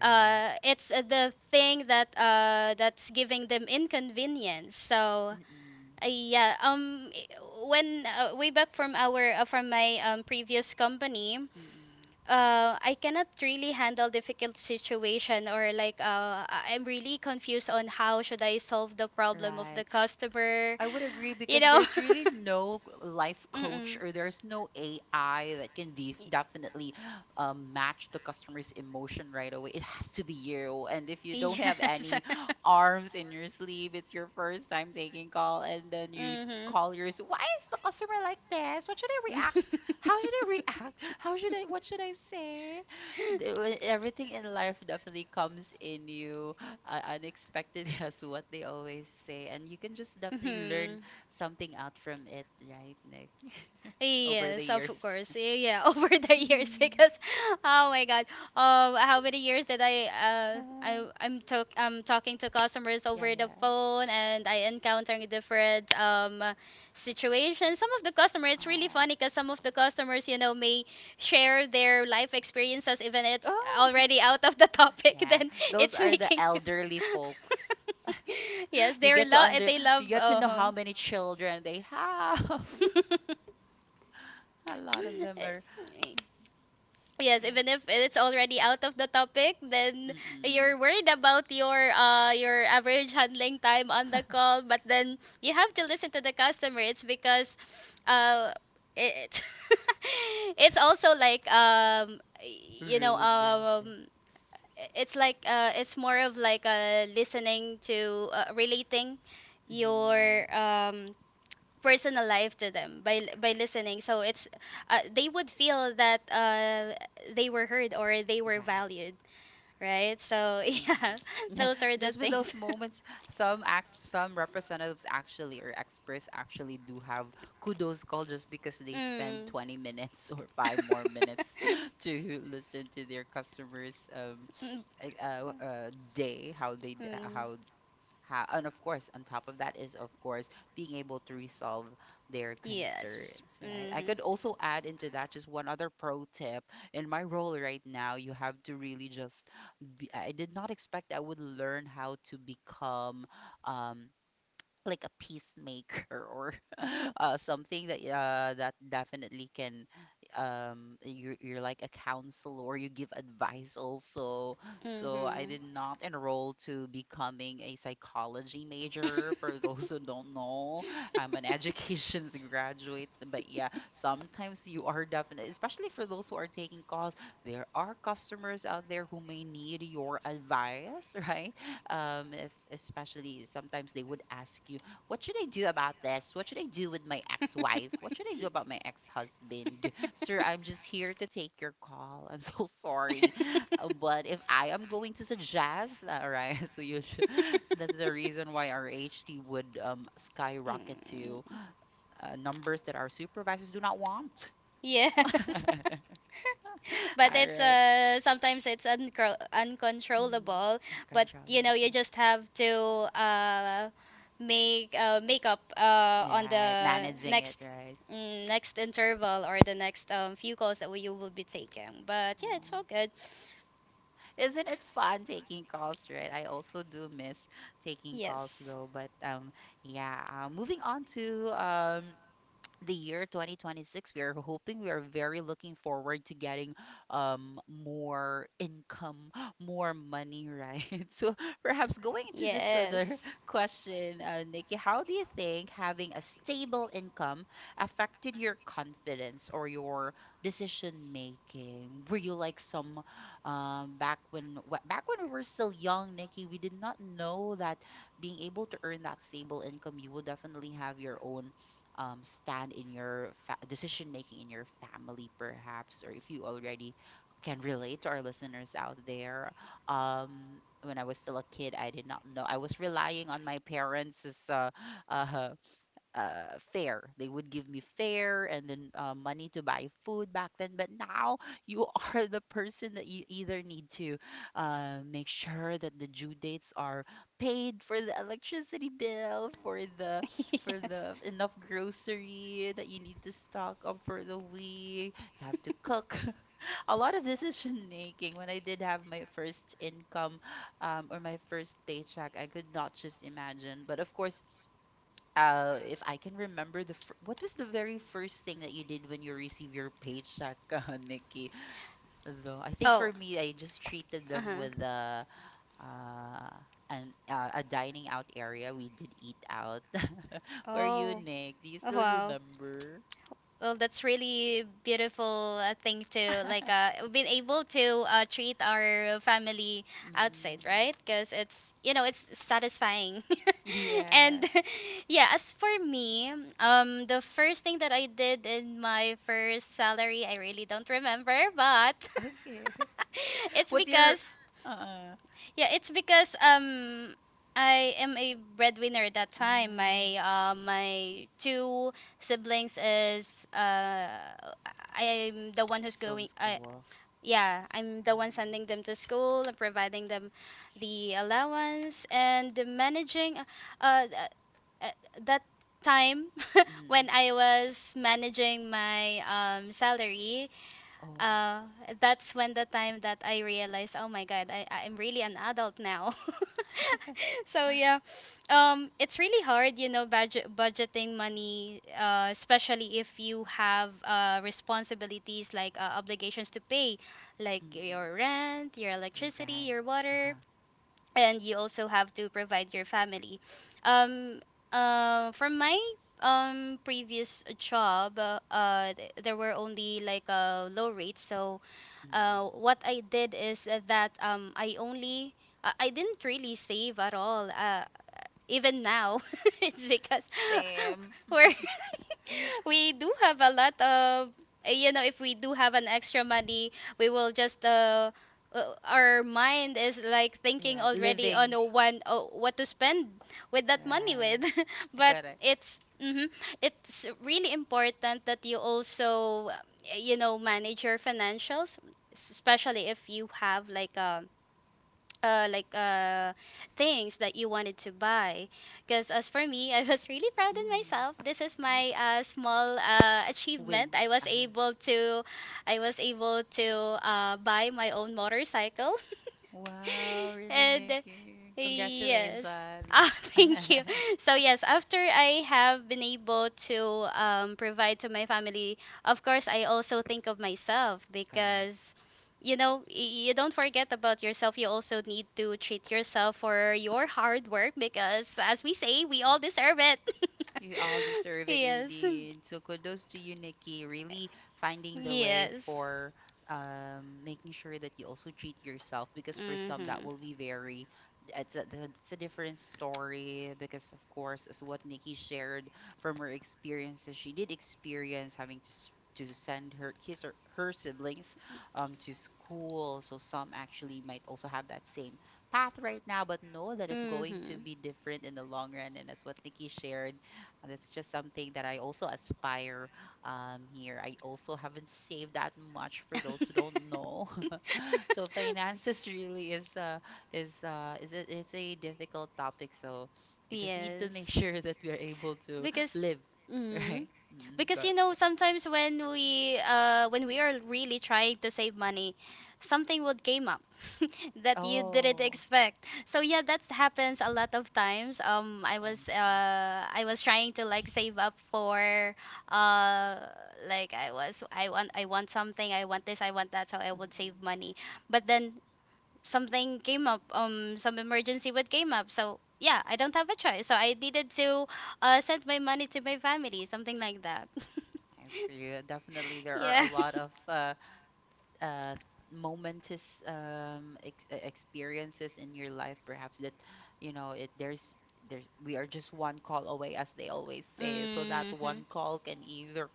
Uh, it's the thing that that's giving them inconvenience. So Mm-mm. Yeah, when way back from our from my previous company, Mm-mm. I cannot really handle difficult situation, or like I'm really confused on how should I solve the problem of Right. the customer, I would agree you because know. *laughs* there's really no life coach Mm-mm. or there's no AI that can definitely match the customer's emotion right away. It has to be you. And if you don't have Yes. any *laughs* *gasps* arms in your sleeve, it's your first time taking call, and then you Mm-hmm. call yours. Why is the customer like this? What should I react? How should I react? How should I? What should I say? The- when Everything in life definitely comes in you *gasps* unexpected, *laughs* as what they always say, and you can just *laughs* definitely learn Hmm. something out from it, right, Nick? Over the Yes, of years. course. Yeah, *laughs* over the years *laughs* because oh my God. How many years did Uh, I'm talk I'm talking to customers yeah, over the yeah. phone and I encountering different situations. Some of the customers, it's really Oh, funny because some of the customers, you know, may share their life experiences even it's oh, already out of the *laughs* topic *laughs* yeah. then Those it's are the making you elderly folks. *laughs* *laughs* yes, You they get to love under, you get to know how many children they have. *laughs* *laughs* A lot of them are, *laughs* yes, yeah. even if it's already out of the topic, then Mm-mm. you're worried about your average handling time on the *laughs* call, but then you have to listen to the customer. It's because uh it *laughs* it's also like you know, Rude, right? Eh. It's like it's more of like listening to relating Mm-hmm. your personal life to them by listening, so it's they would feel that they were heard or they were Yeah. valued, right? So *laughs* yeah, Mhm. *laughs* those are the Just with things. those *laughs* moments, some representatives actually or experts actually do have kudos call just because they spend Mm. *laughs* 20 minutes *laughs* or five more minutes *laughs* to listen to their customers Mm, day how they d- mm. How and of course on top of that is of course being able to resolve their Yes, concerns, right? I mm-hmm. could also add into that just one other pro tip. In my role right now, you have to really just I did not expect I would learn how to become um like a peacemaker or *laughs* something that that definitely can you're like a counselor or you give advice also. So I Mm-hmm. did not enroll to becoming a psychology major for *laughs* those who don't know, I'm an *laughs* educations *laughs* graduate. But yeah, sometimes you are definitely, especially for those who are taking calls, there are customers out there who may need your advice. *laughs* Right? If Especially sometimes they would ask you, what should I do about this? What should I do with my ex-wife? What should I do about my ex-husband? Sir, I'm just here to take your call. I'm so *laughs* sorry. But if I am going to suggest, all right, *laughs* so you should, *laughs* that's the reason why our ht would skyrocket to Mm. Numbers that our supervisors do not want. *laughs* Yes. *laughs* All But it's right. Sometimes it's uncro Mm, uncontrollable, but you uncontrollable know you thing. just have to uh make make up on Yeah, right, the managing it, next, right. mm, next interval or the next few calls that you will be taking, but yeah, it's Aw. all good. Isn't it fun taking calls, right? I also do miss taking calls Yes, though. But yeah. Moving on to the year 2026, we are hoping, we are very looking forward to getting more income, *gasps* more money, right? *laughs* So perhaps going to this other yes. *laughs* question, Nikki, how do you think having a stable income affected your confidence or your decision making? Were you like some back when we were still young, Nikki, we did not know that being able to earn that stable income, you will definitely have your own stand in your fa- decision making in your family, perhaps, or if you already can relate to our listeners out there. When I was still a kid, I did not know. I was relying on my parents' uh, fare. They would give me fare and then money to buy food back then. But now you *laughs* are the person that you either need to make sure that the due dates are paid for the electricity bill, *laughs* for Yes. the enough grocery that you need to stock up for the week. You have to cook. *laughs* A lot of decision making. When I did have my first income or my first paycheck, I could not just imagine. But of course, if I can remember what was the very first thing that you did when you received your paycheck, *laughs* Nikki? Though I think Oh. for me, I just treated them Uh-huh. with uh, an a dining out area. We did eat out. *laughs* For you, Oh. Nick, do you Oh, still wow. remember? Well, that's really beautiful thing to like *laughs* been able to treat our family outside, Mm-mm. right? Because it's you know it's satisfying, *laughs* Yeah. and *laughs* yeah. As for me, the first thing that I did in my first salary, I really don't remember, but Okay. *laughs* *laughs* it's What's your because uh yeah, it's because I am a breadwinner at that time. mm, My my two siblings is I'm the one who's still in going I school? yeah, I'm the one sending Mm-hmm. them to school and providing them the allowance and the managing uh uh, that time *laughs* Mm-hmm. when I was managing my salary Oh. uh, that's when the time that I realized, oh my God, I'm really an adult now. *laughs* *laughs* So yeah, it's really hard, you know, budgeting money, especially if you have responsibilities like obligations to pay, like Mm-mm. your rent, your electricity, Rent. your water, Uh-huh. and you also have to provide your family. Um, from my previous job, there were only like low rates. So, Mm. What I did is that I only I didn't really save at all. Even now, *laughs* it's because Same. *laughs* we're *laughs* *laughs* we do have a lot of you know, if we do have an extra money, we will just our mind is like thinking Right. already on Living. the one, oh, what to spend with that money with. Right. *laughs* But Correct. it's it's really important that you also you know, manage your financials, especially if you have like a uh like uh things that you wanted to buy. Because as for me, I was really proud in Mm. myself. This is Yeah. my small achievement. Wins. i was Uh-huh. able to I was able to buy my own motorcycle. Wow, *laughs* really, And Nikki. yes, Congratulations. ah, *laughs* thank you. *laughs* So yes, after I have been able to provide to my family, of course I also think of myself. Correct. Because you know, you don't forget about yourself, you also need to treat yourself for your hard work, because as we say, we all Mm. deserve it. You all *laughs* deserve it Yes. indeed. So kudos to you, Nikki, really finding the way Yes. for making sure that you also treat yourself, because for some that Mhm. will be very, it's it's a different story, because of course, as what Nikki shared from her experiences, she did experience having to send her his or her siblings to school. So some actually might also have that same path right now, but know that it's going to Mhm. be different in the long run. And as what Nikki shared. And that's just something that I also aspire here. I also haven't saved that much for those who *laughs* don't know. *laughs* So finances really is it's a difficult topic. So we just need to make *laughs* Yes. sure that we are able to because live, *laughs* mm, right? Because you know, Go. sometimes when we when we are really trying to save money, something would came up *laughs* that you didn't Oh, expect. So yeah, that happens a lot of times. I see. I was trying to like save up for uh, like, I want something, I want this, I want that, so I would save Mhm. money. But then something came up, some emergency would came up, so yeah, I don't have a choice, so I needed to send my money to my family, something like that. I see. Definitely, *laughs* there are a Yeah. lot *laughs* of uh, momentous um, experiences in your life, perhaps that you know it. There's we are just one call away, as they always say. So that Mm-hmm. one call can either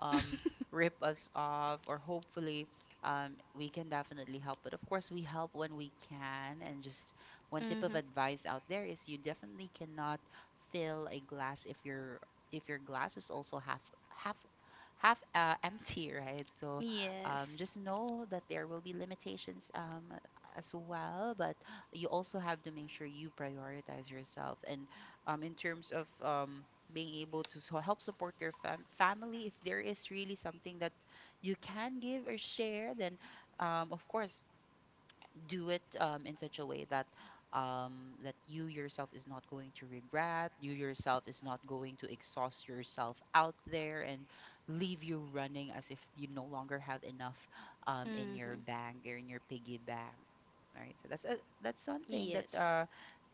um, rip *laughs* us off, or hopefully we can definitely help. But of course, we help when we can. And just one tip of Mm-hmm. advice out there is you definitely cannot fill a glass if your glass is also half half *laughs* empty, right? So Yes. just know that there will be limitations as well, but you also have to make sure you prioritize yourself. And in terms of being able to so help support your family, if there is really something that you can give or share, then of course do it in such a way that that you yourself is not going to regret, you yourself is not going to exhaust yourself out there and leave you running as if you no longer have enough in Mm-hmm. your bank or in your piggy bank. All right, so that's one thing that Yes. uh,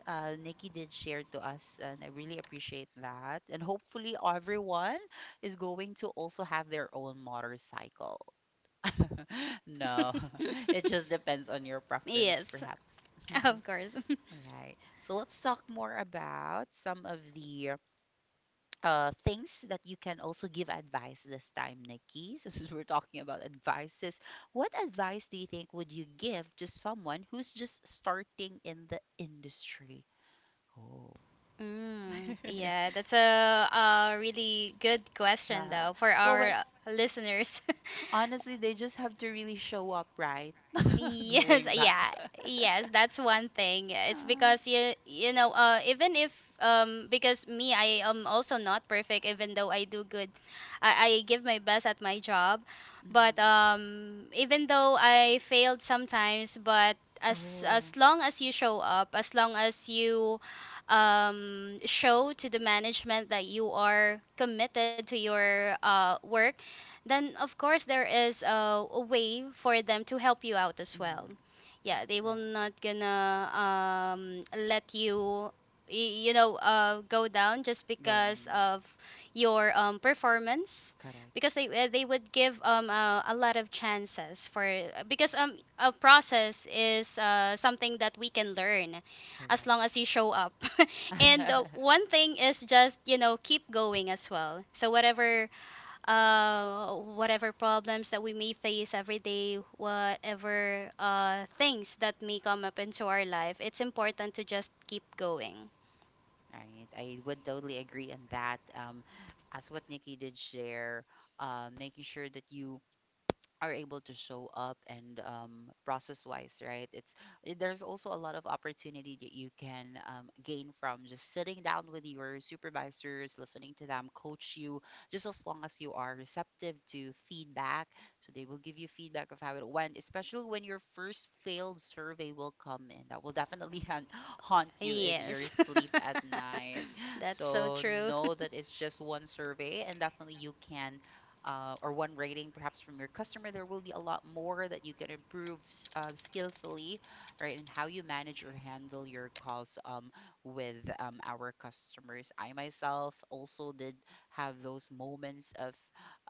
uh, Nikki did share to us, and I really appreciate that. And hopefully, everyone is going to also have their own motorcycle. *laughs* No, *laughs* it *laughs* just depends on your preference, Yes, perhaps. of *laughs* course. *laughs* Right. So let's talk more about some of the things that you can also give advice this time, Nikki. *laughs* So since we're talking about advices, what advice do you think would you give to someone who's just starting in the industry? Oh. *laughs* Yeah, that's a really good question, Uh, though, for well, but our listeners. *laughs* honestly, they just have to really show up, right? *laughs* Yes, Going back. yeah, *laughs* yes, that's one thing. It's because you know, even if because me, I am also not perfect. Even though I do good, I give my best at my job, Yeah. but Mm. Even though I failed sometimes, but as Oh. long as you show up, as long as you show to the management that you are committed to your work, then of course there is a way for them to help you out as well. Mm. Yeah, they will Right. not gonna let you, you know, go down just Go. because Mm. of your performance, Correct. because they would give a lot of chances for, because a process is something that we can learn as long as Correct. you show up. *laughs* And one *laughs* thing is just, you know, keep going as well. So whatever whatever problems that we may face every day, whatever things that may come up into our life, it's important to just keep going. Right. I would totally agree on that. As what Nikki did share, making sure that you are able to show up and process wise, right? There's also a lot of opportunity that you can gain from just sitting down with your supervisors, listening to them coach you, just as long as you are receptive to feedback. So they will give you feedback of how it went, especially when your first failed survey will come in. That will definitely *laughs* haunt you in your Yes. sleep at night. *laughs* That's so So true. *laughs* know that it's just one survey, and definitely you can or one rating perhaps from your customer, there will be a lot more that you can improve skillfully, right? And how you manage or handle your calls with our customers. I myself also did have those moments of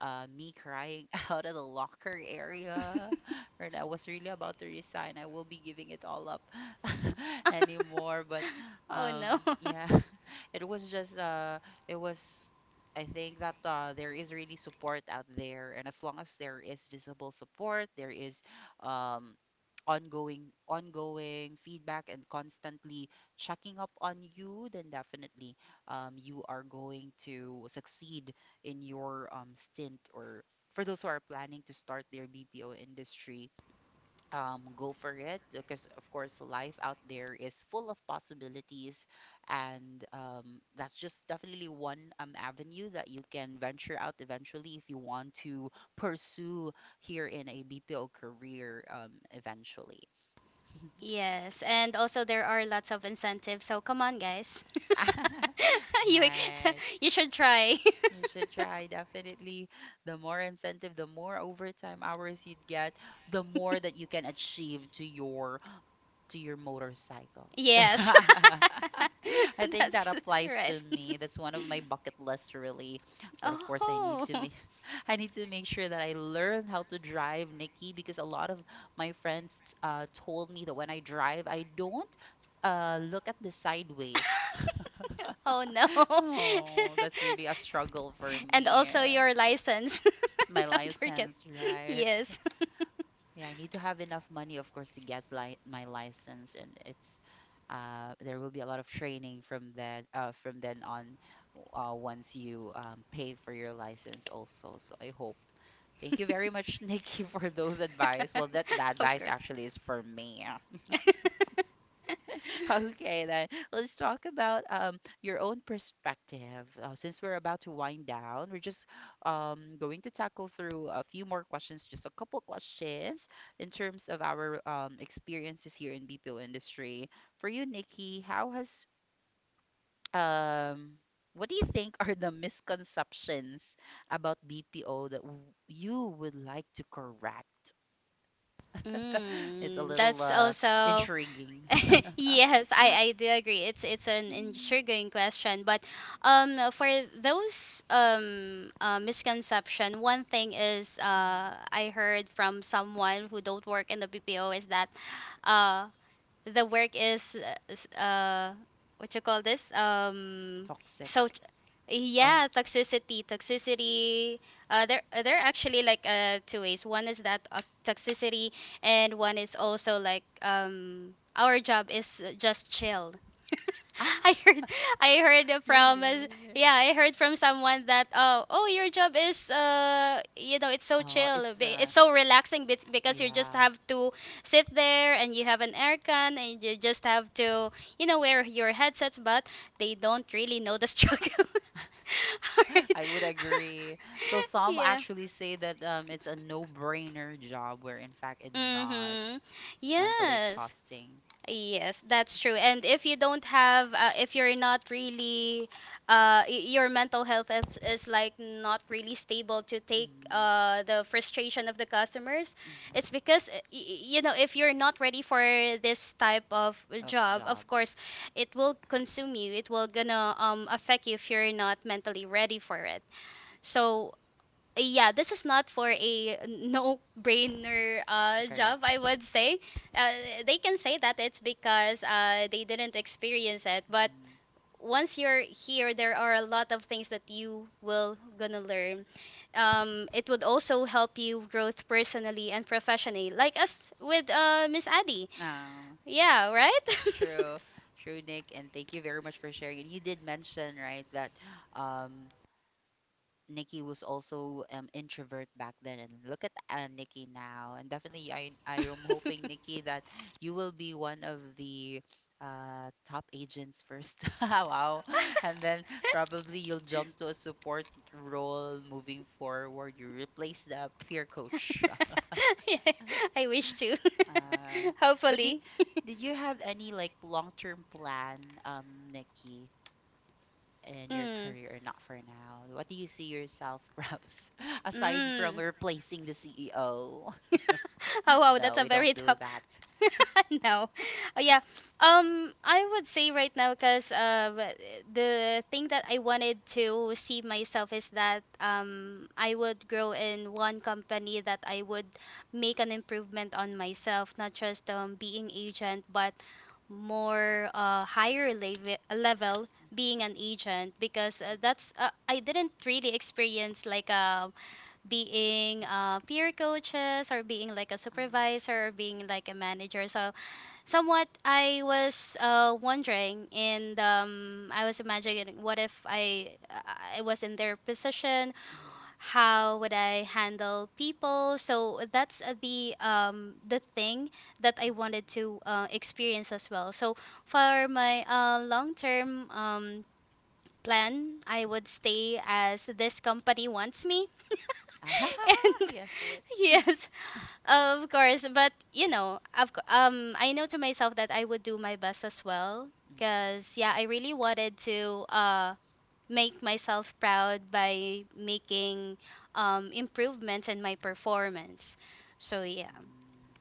me crying *laughs* out of the locker area, right? I was really about to resign. I will be giving it all up *laughs* anymore, but Oh no. Yeah, *laughs* it was just it was I think that there is really support *laughs* out there, and as long as there is visible support, there is um, ongoing feedback and constantly checking up on you, then definitely you are going to succeed in your stint. Or for those who are planning to start their BPO industry, go for it, because of course life out there is full of possibilities, and that's just definitely one avenue that you can venture out eventually if you want to pursue here in a BPO career, eventually. Yes, and also there are lots of incentives. So come on, guys. *laughs* *laughs* You Right. *laughs* you should try. You should *laughs* try definitely. The more incentive, the more overtime hours you'd get, the more that you can achieve to your motorcycle. *laughs* Yes. I *laughs* think that that's applies right. to *laughs* me. That's one of my bucket lists really. But of course, I need Oh. to *laughs* make *laughs* I need to make sure that I learn how to drive, Nikki, because a lot of my friends told me that when I drive, I don't look at the sideways. *laughs* Oh no. Oh, that's really *laughs* a struggle for And me. also your license. *laughs* My Don't forget. license, right? Yes. *laughs* Yeah, I need to have enough money, of course, to get li my license, and it's there will be a lot of training from that from then on, once you pay for your license also. So I hope. Thank you very much, *laughs* Nikki, for those advice. *laughs* Well, that Of advice course. actually is for me. *laughs* *laughs* Okay, then let's talk about your own perspective. Since we're about to wind down, we're just going to tackle through a few more questions, just a couple questions in terms of our experiences here in BPO industry. For you, Nikki, how has um what do you think are the misconceptions about BPO that w you would like to correct? *laughs* It's a little That's also intriguing. *laughs* *laughs* yes, I do agree. It's an Mm. intriguing question, but for those misconception, one thing is, Mm. I heard from someone who don't work in the BPO, is that uh the work is what you call this Toxic. so Oh, yeah, toxicity, toxicity. There, there are actually like two ways. One is that toxicity, and one is also like our job is just chill. *laughs* I ah, heard, I heard it *laughs* from as- really? yeah, I heard from someone that, oh, oh, your job is you know, it's so Oh, chill, it's so relaxing, because you just yeah, have to sit there and you have an aircon and you just have to, you know, wear your headsets, but they don't really know the struggle. *laughs* *laughs* Alright. I would agree. So *laughs* some Yeah. actually say that it's a no-brainer job, where in fact it's not. Mhm. It's mentally Yes. exhausting. Yes, that's true. And if you don't have, if you're not really, your mental health is like not really stable to take Mm, the frustration of the customers, it's mm, because, you know, if you're not ready for this type of of job, job. of course, it will consume you. It will gonna affect you if you're not mentally ready for it. So yeah, this is not for a *laughs* no-brainer job, Correct. I would say. Uh, they can say that it's because they didn't experience it, but Mhm. once you're here, there are a lot of things that you will gonna learn. It would also help you growth personally and professionally, like us with Miss Addy. Oh, Yeah, right? true, true, Nick, and thank you very much for sharing. And you did mention, right, that um, Nikki was also introvert back then, and look at Nikki now, and definitely I am hoping, *laughs* Nikki, that you will be one of the top agents first. *laughs* Wow. And then probably you'll *laughs* jump to a support role moving forward. You replace the peer coach. *laughs* Yeah, I wish to. Uh, *laughs* but Hopefully. *laughs* did you have any like long-term plan, Nikki, in your Mm. career? And not for now, what do you see yourself, *laughs* perhaps, aside from Mm. replacing the CEO? *laughs* Oh *laughs* wow, that's No, a we very don't do tough. that. *laughs* No, oh yeah. I would say right now, because the thing that I wanted to see myself is that I would grow in one company that I would make an improvement on myself, not just being agent, but more higher level being an agent. Because Mm-hmm, that's I didn't really experience like being mm-hmm. Peer coaches or being like a Ah, *laughs* supervisor or being like a manager. So somewhat I was wondering and I was imagining, what if I was in their position, mhm, how would I handle people? So that's the thing that I wanted mhm, to experience as well. So for my long term plan, I would mhm. stay as this company wants me. Ah, *laughs* *laughs* And yes, yes. *laughs* yes, *laughs* of course, but you know, I know to myself that I would do my best as well. Mm. Cause yeah, I really wanted to make myself proud by making improvements in my Yeah. performance. So yeah. Mm.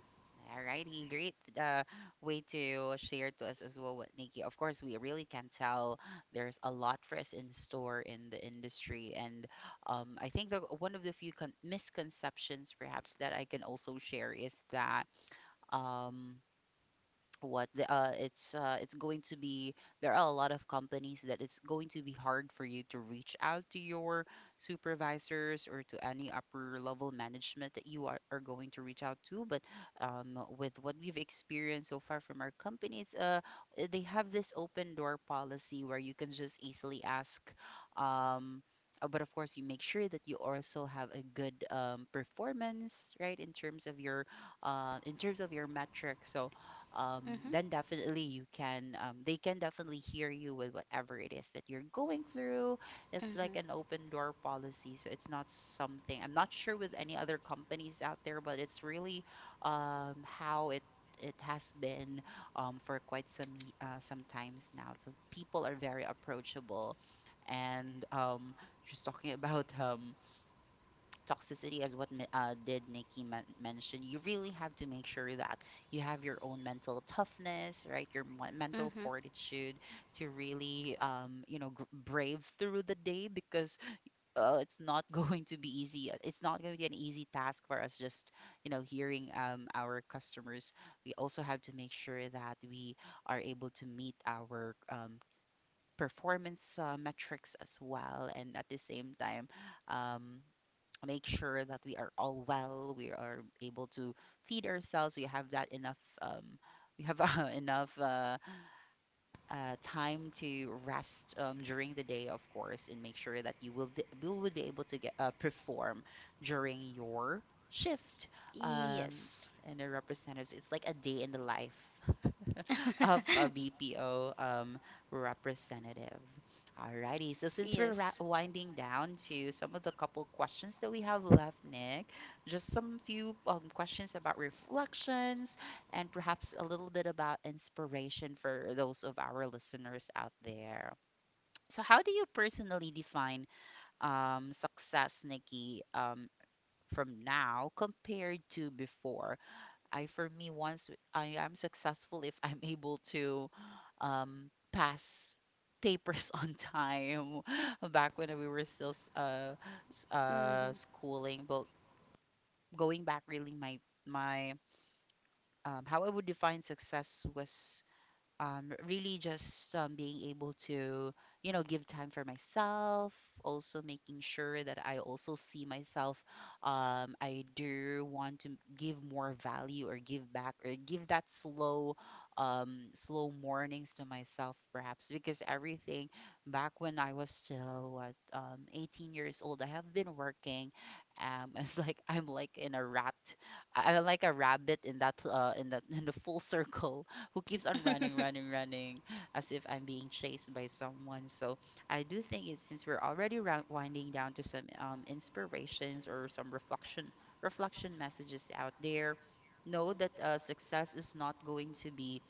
Alrighty, great way to share to us as well, what Nikki. Of course, we really can tell there's a lot for us in store in the industry, and I think the one of the few misconceptions perhaps that I can also share is that um, it's going to be there are a lot of companies that it's going to be hard for you to reach out to your supervisors or to any upper level management that are going to reach out to. But with what we've experienced so far from our companies, they have this open door policy where you can just easily ask. um But of course, you make sure that you also have a good performance, right, in terms of your metrics. So um, Mhm. then definitely you can they can definitely hear you with whatever it is that you're going through. It's like Mhm. an open door policy, so it's not something. I'm not sure with any other companies out there, but it's really how it it has been for quite some times now. So people are very approachable, and just talking *laughs* about toxicity, as what Mi- did Nikki mention, you really have to make sure that you have your own mental toughness, right? Your mental Mhm. fortitude to really, you know, brave through the day, because it's not *laughs* going to be easy. It's not going to be an easy task for us. Just you know, hearing our customers, we also have to make sure that we are able to meet our performance metrics as well, and at the same time, um, make sure that we are all well, we are able to feed ourselves, we have that enough, we have *laughs* enough time to rest during the day, of course, and make sure that you will would be able to get perform during your shift. Um, Yes. and the representatives, it's like a day in the life *laughs* of a *laughs* BPO representative. Alrighty, so since we're Yes. winding down to some of the couple questions that we have left, Nick, just some few questions about reflections and perhaps a little bit about inspiration for those of our listeners out there. So, how do you personally define success, Nikki, from now compared to before? I for me once I am successful if I'm able to pass papers *laughs* on time *laughs* back when we were still Mhm. schooling. But going back, really, my how I would define success was really just being able to, you know, give time for myself, also making sure that I also see myself. I do want to give more value or give back or give that slow, slow mornings to myself, perhaps, because everything back when I was still, what, 18 years old, I have been working. *laughs* It's like I'm like in a rat, I'm like a rabbit in that, in the full circle who keeps on running, *laughs* running, running as if I'm being chased by someone. So I do think it's, since we're already round winding down to some inspirations or some reflection messages out there. Know that success is not going to be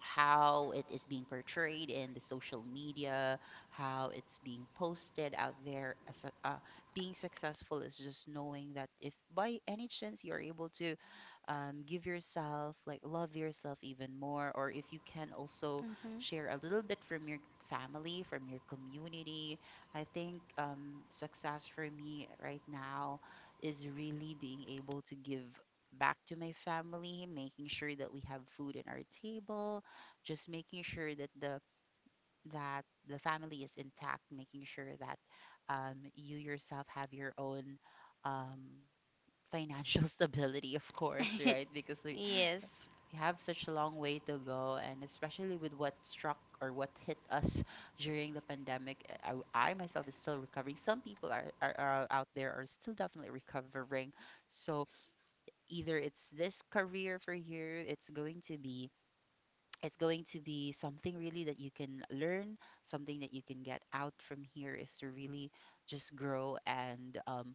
how it is being portrayed in the social media, how it's being posted out there. Being successful is just knowing that if by any chance you're able to give yourself, like love yourself even more, or if you can also Mhm. share a little bit from your family, from your community, I think success for me right now is really being able to give back to my family, making sure that we have food in our table, just making sure that that the family is intact, making sure that you yourself have your own um, financial *laughs* stability, of course, *laughs* right? Because we Yes. we have such a long way to go, and especially with what struck or what hit us during the pandemic, I myself is still recovering. Some people are out there are still definitely recovering. So either it's this career for you, it's going to be something really that you can learn, something that you can get out from here is to really just grow and um,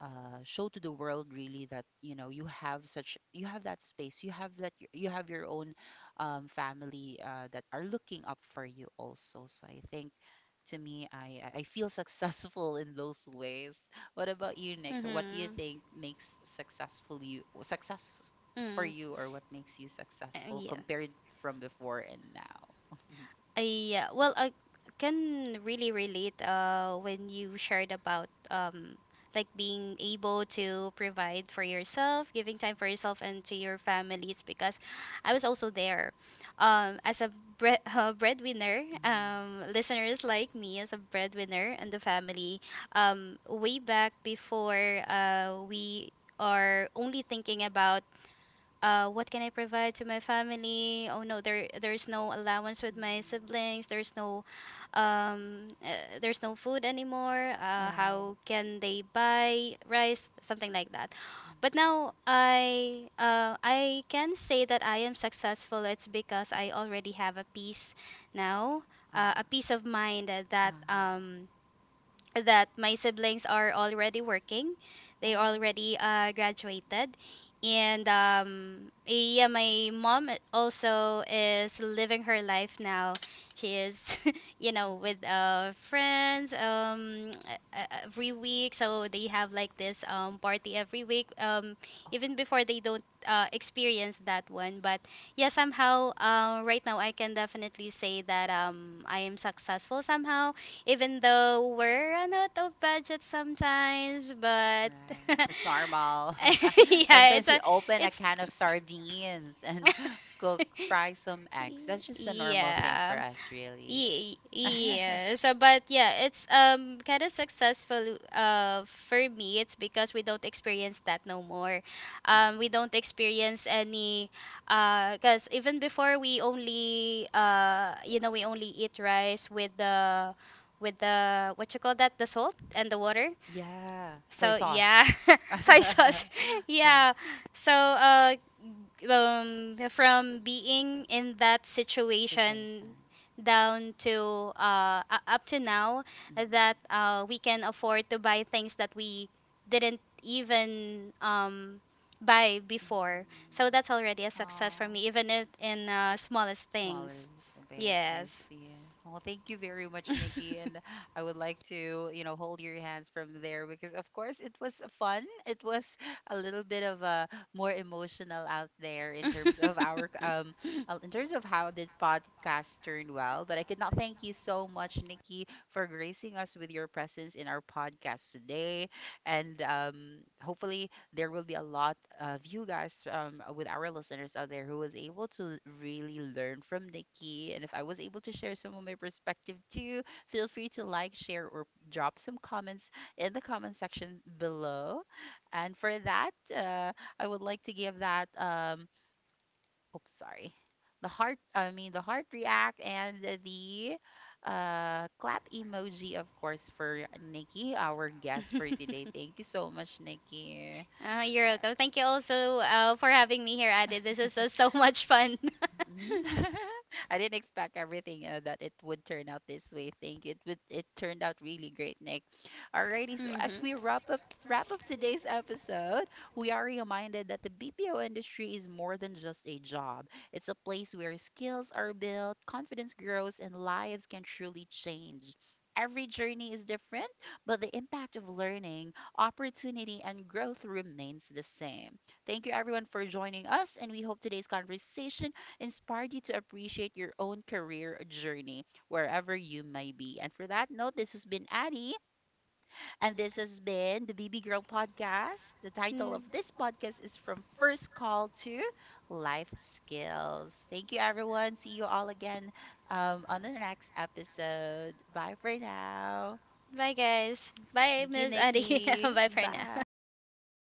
uh, show to the world really that you know you have such you have that space you have that you have your own family that are looking up for you also. So I think to me, I feel *laughs* successful in those ways. What about you, Nick? What do you Mm-hmm. think makes successful you, success for Mm. you, or what makes you successful Yeah. compared from before and now? *laughs* Yeah. Well, I can really relate when you shared about like being able to provide for yourself, giving time for yourself and to your families, because I was also there. As a *laughs* breadwinner, mm, listeners, like me as a breadwinner and the family, way back before, we are only thinking about what can I provide to my family? Oh no, there's no allowance with my mm, siblings. There's no food anymore. Yeah. How can they buy rice? Something like that. But mm, now I, I can say that I am successful. It's because I already have a peace now, a ah. peace of mind that Ah. That my siblings are already working. They Oh. already graduated. And yeah, my mom also is living her life now. She is, *laughs* you know, with Mm. Friends every week. So they have like this party every week, Oh, even before they don't experience that one. But yeah, somehow right now I can definitely say that I am successful somehow, even though we're run out of budget sometimes, but right. *laughs* It's normal. *laughs* yeah, Sometimes we open a it's can of sardines and *gasps* cook, fry *laughs* some eggs. That's just a normal thing yeah. for us, really. *laughs* Mm-mm. Yeah. So, but yeah, it's kind of successful for me. It's because we don't experience that no more. We don't experience any because even before, we only, you know, we only eat rice with the what you call that, the salt and the water. Yeah, soy So sauce. yeah. *laughs* *laughs* Soy sauce. *laughs* Correct. Yeah. So from being in that situation, Situation. down to up to now Mm-mm. that we can afford to buy things that we didn't even buy before, so Mm-mm. that's already a success for Aw. me, even if in smallest Smaller things. base. I Yes. see. Well, thank you very much, Nikki. *laughs* And I would like to, you know, hold your hands from there because, of course, it was fun. It was a little bit of a more emotional out there in terms of our, *laughs* in terms of how the podcast turned well. But I could not thank you so much, Nikki, for gracing us with your presence in our podcast today. And hopefully, there will be a lot of you guys with our listeners out there who was able to really learn from Nikki. And if I was able to share some of my perspective too, feel free to like, share, or drop some comments in the comment section below. And for that, I would like to give that, oops, sorry, the heart, I mean, the heart react and the clap emoji, of course, for Nikki, our guest for today. Thank you so much, Nikki. You're welcome. Thank you also for having me here, Adi. This is *laughs* so much fun. Mm. *laughs* I didn't expect everything that it would turn out this way. Thank you. It turned out really great, Nick. *laughs* Alrighty, so as Hmm. we wrap up today's episode, we are reminded that the BPO industry is more than just a job. It's a place where skills are built, confidence grows, and lives can truly change. Every journey is different, but the impact of learning, opportunity, and growth remains the same. Thank you everyone for joining us, and we hope today's conversation inspired you to appreciate your own career journey wherever you may be. And for that note, this has been Addie, and this has been the BB Girl Podcast. The title of this podcast is From First Call to Life Skills. Thank you, everyone. See you all again on the next episode. Bye for now. Bye, guys. Bye, Thank you, Miss Adi. *laughs* Nikki. Bye for now. *laughs* Bye.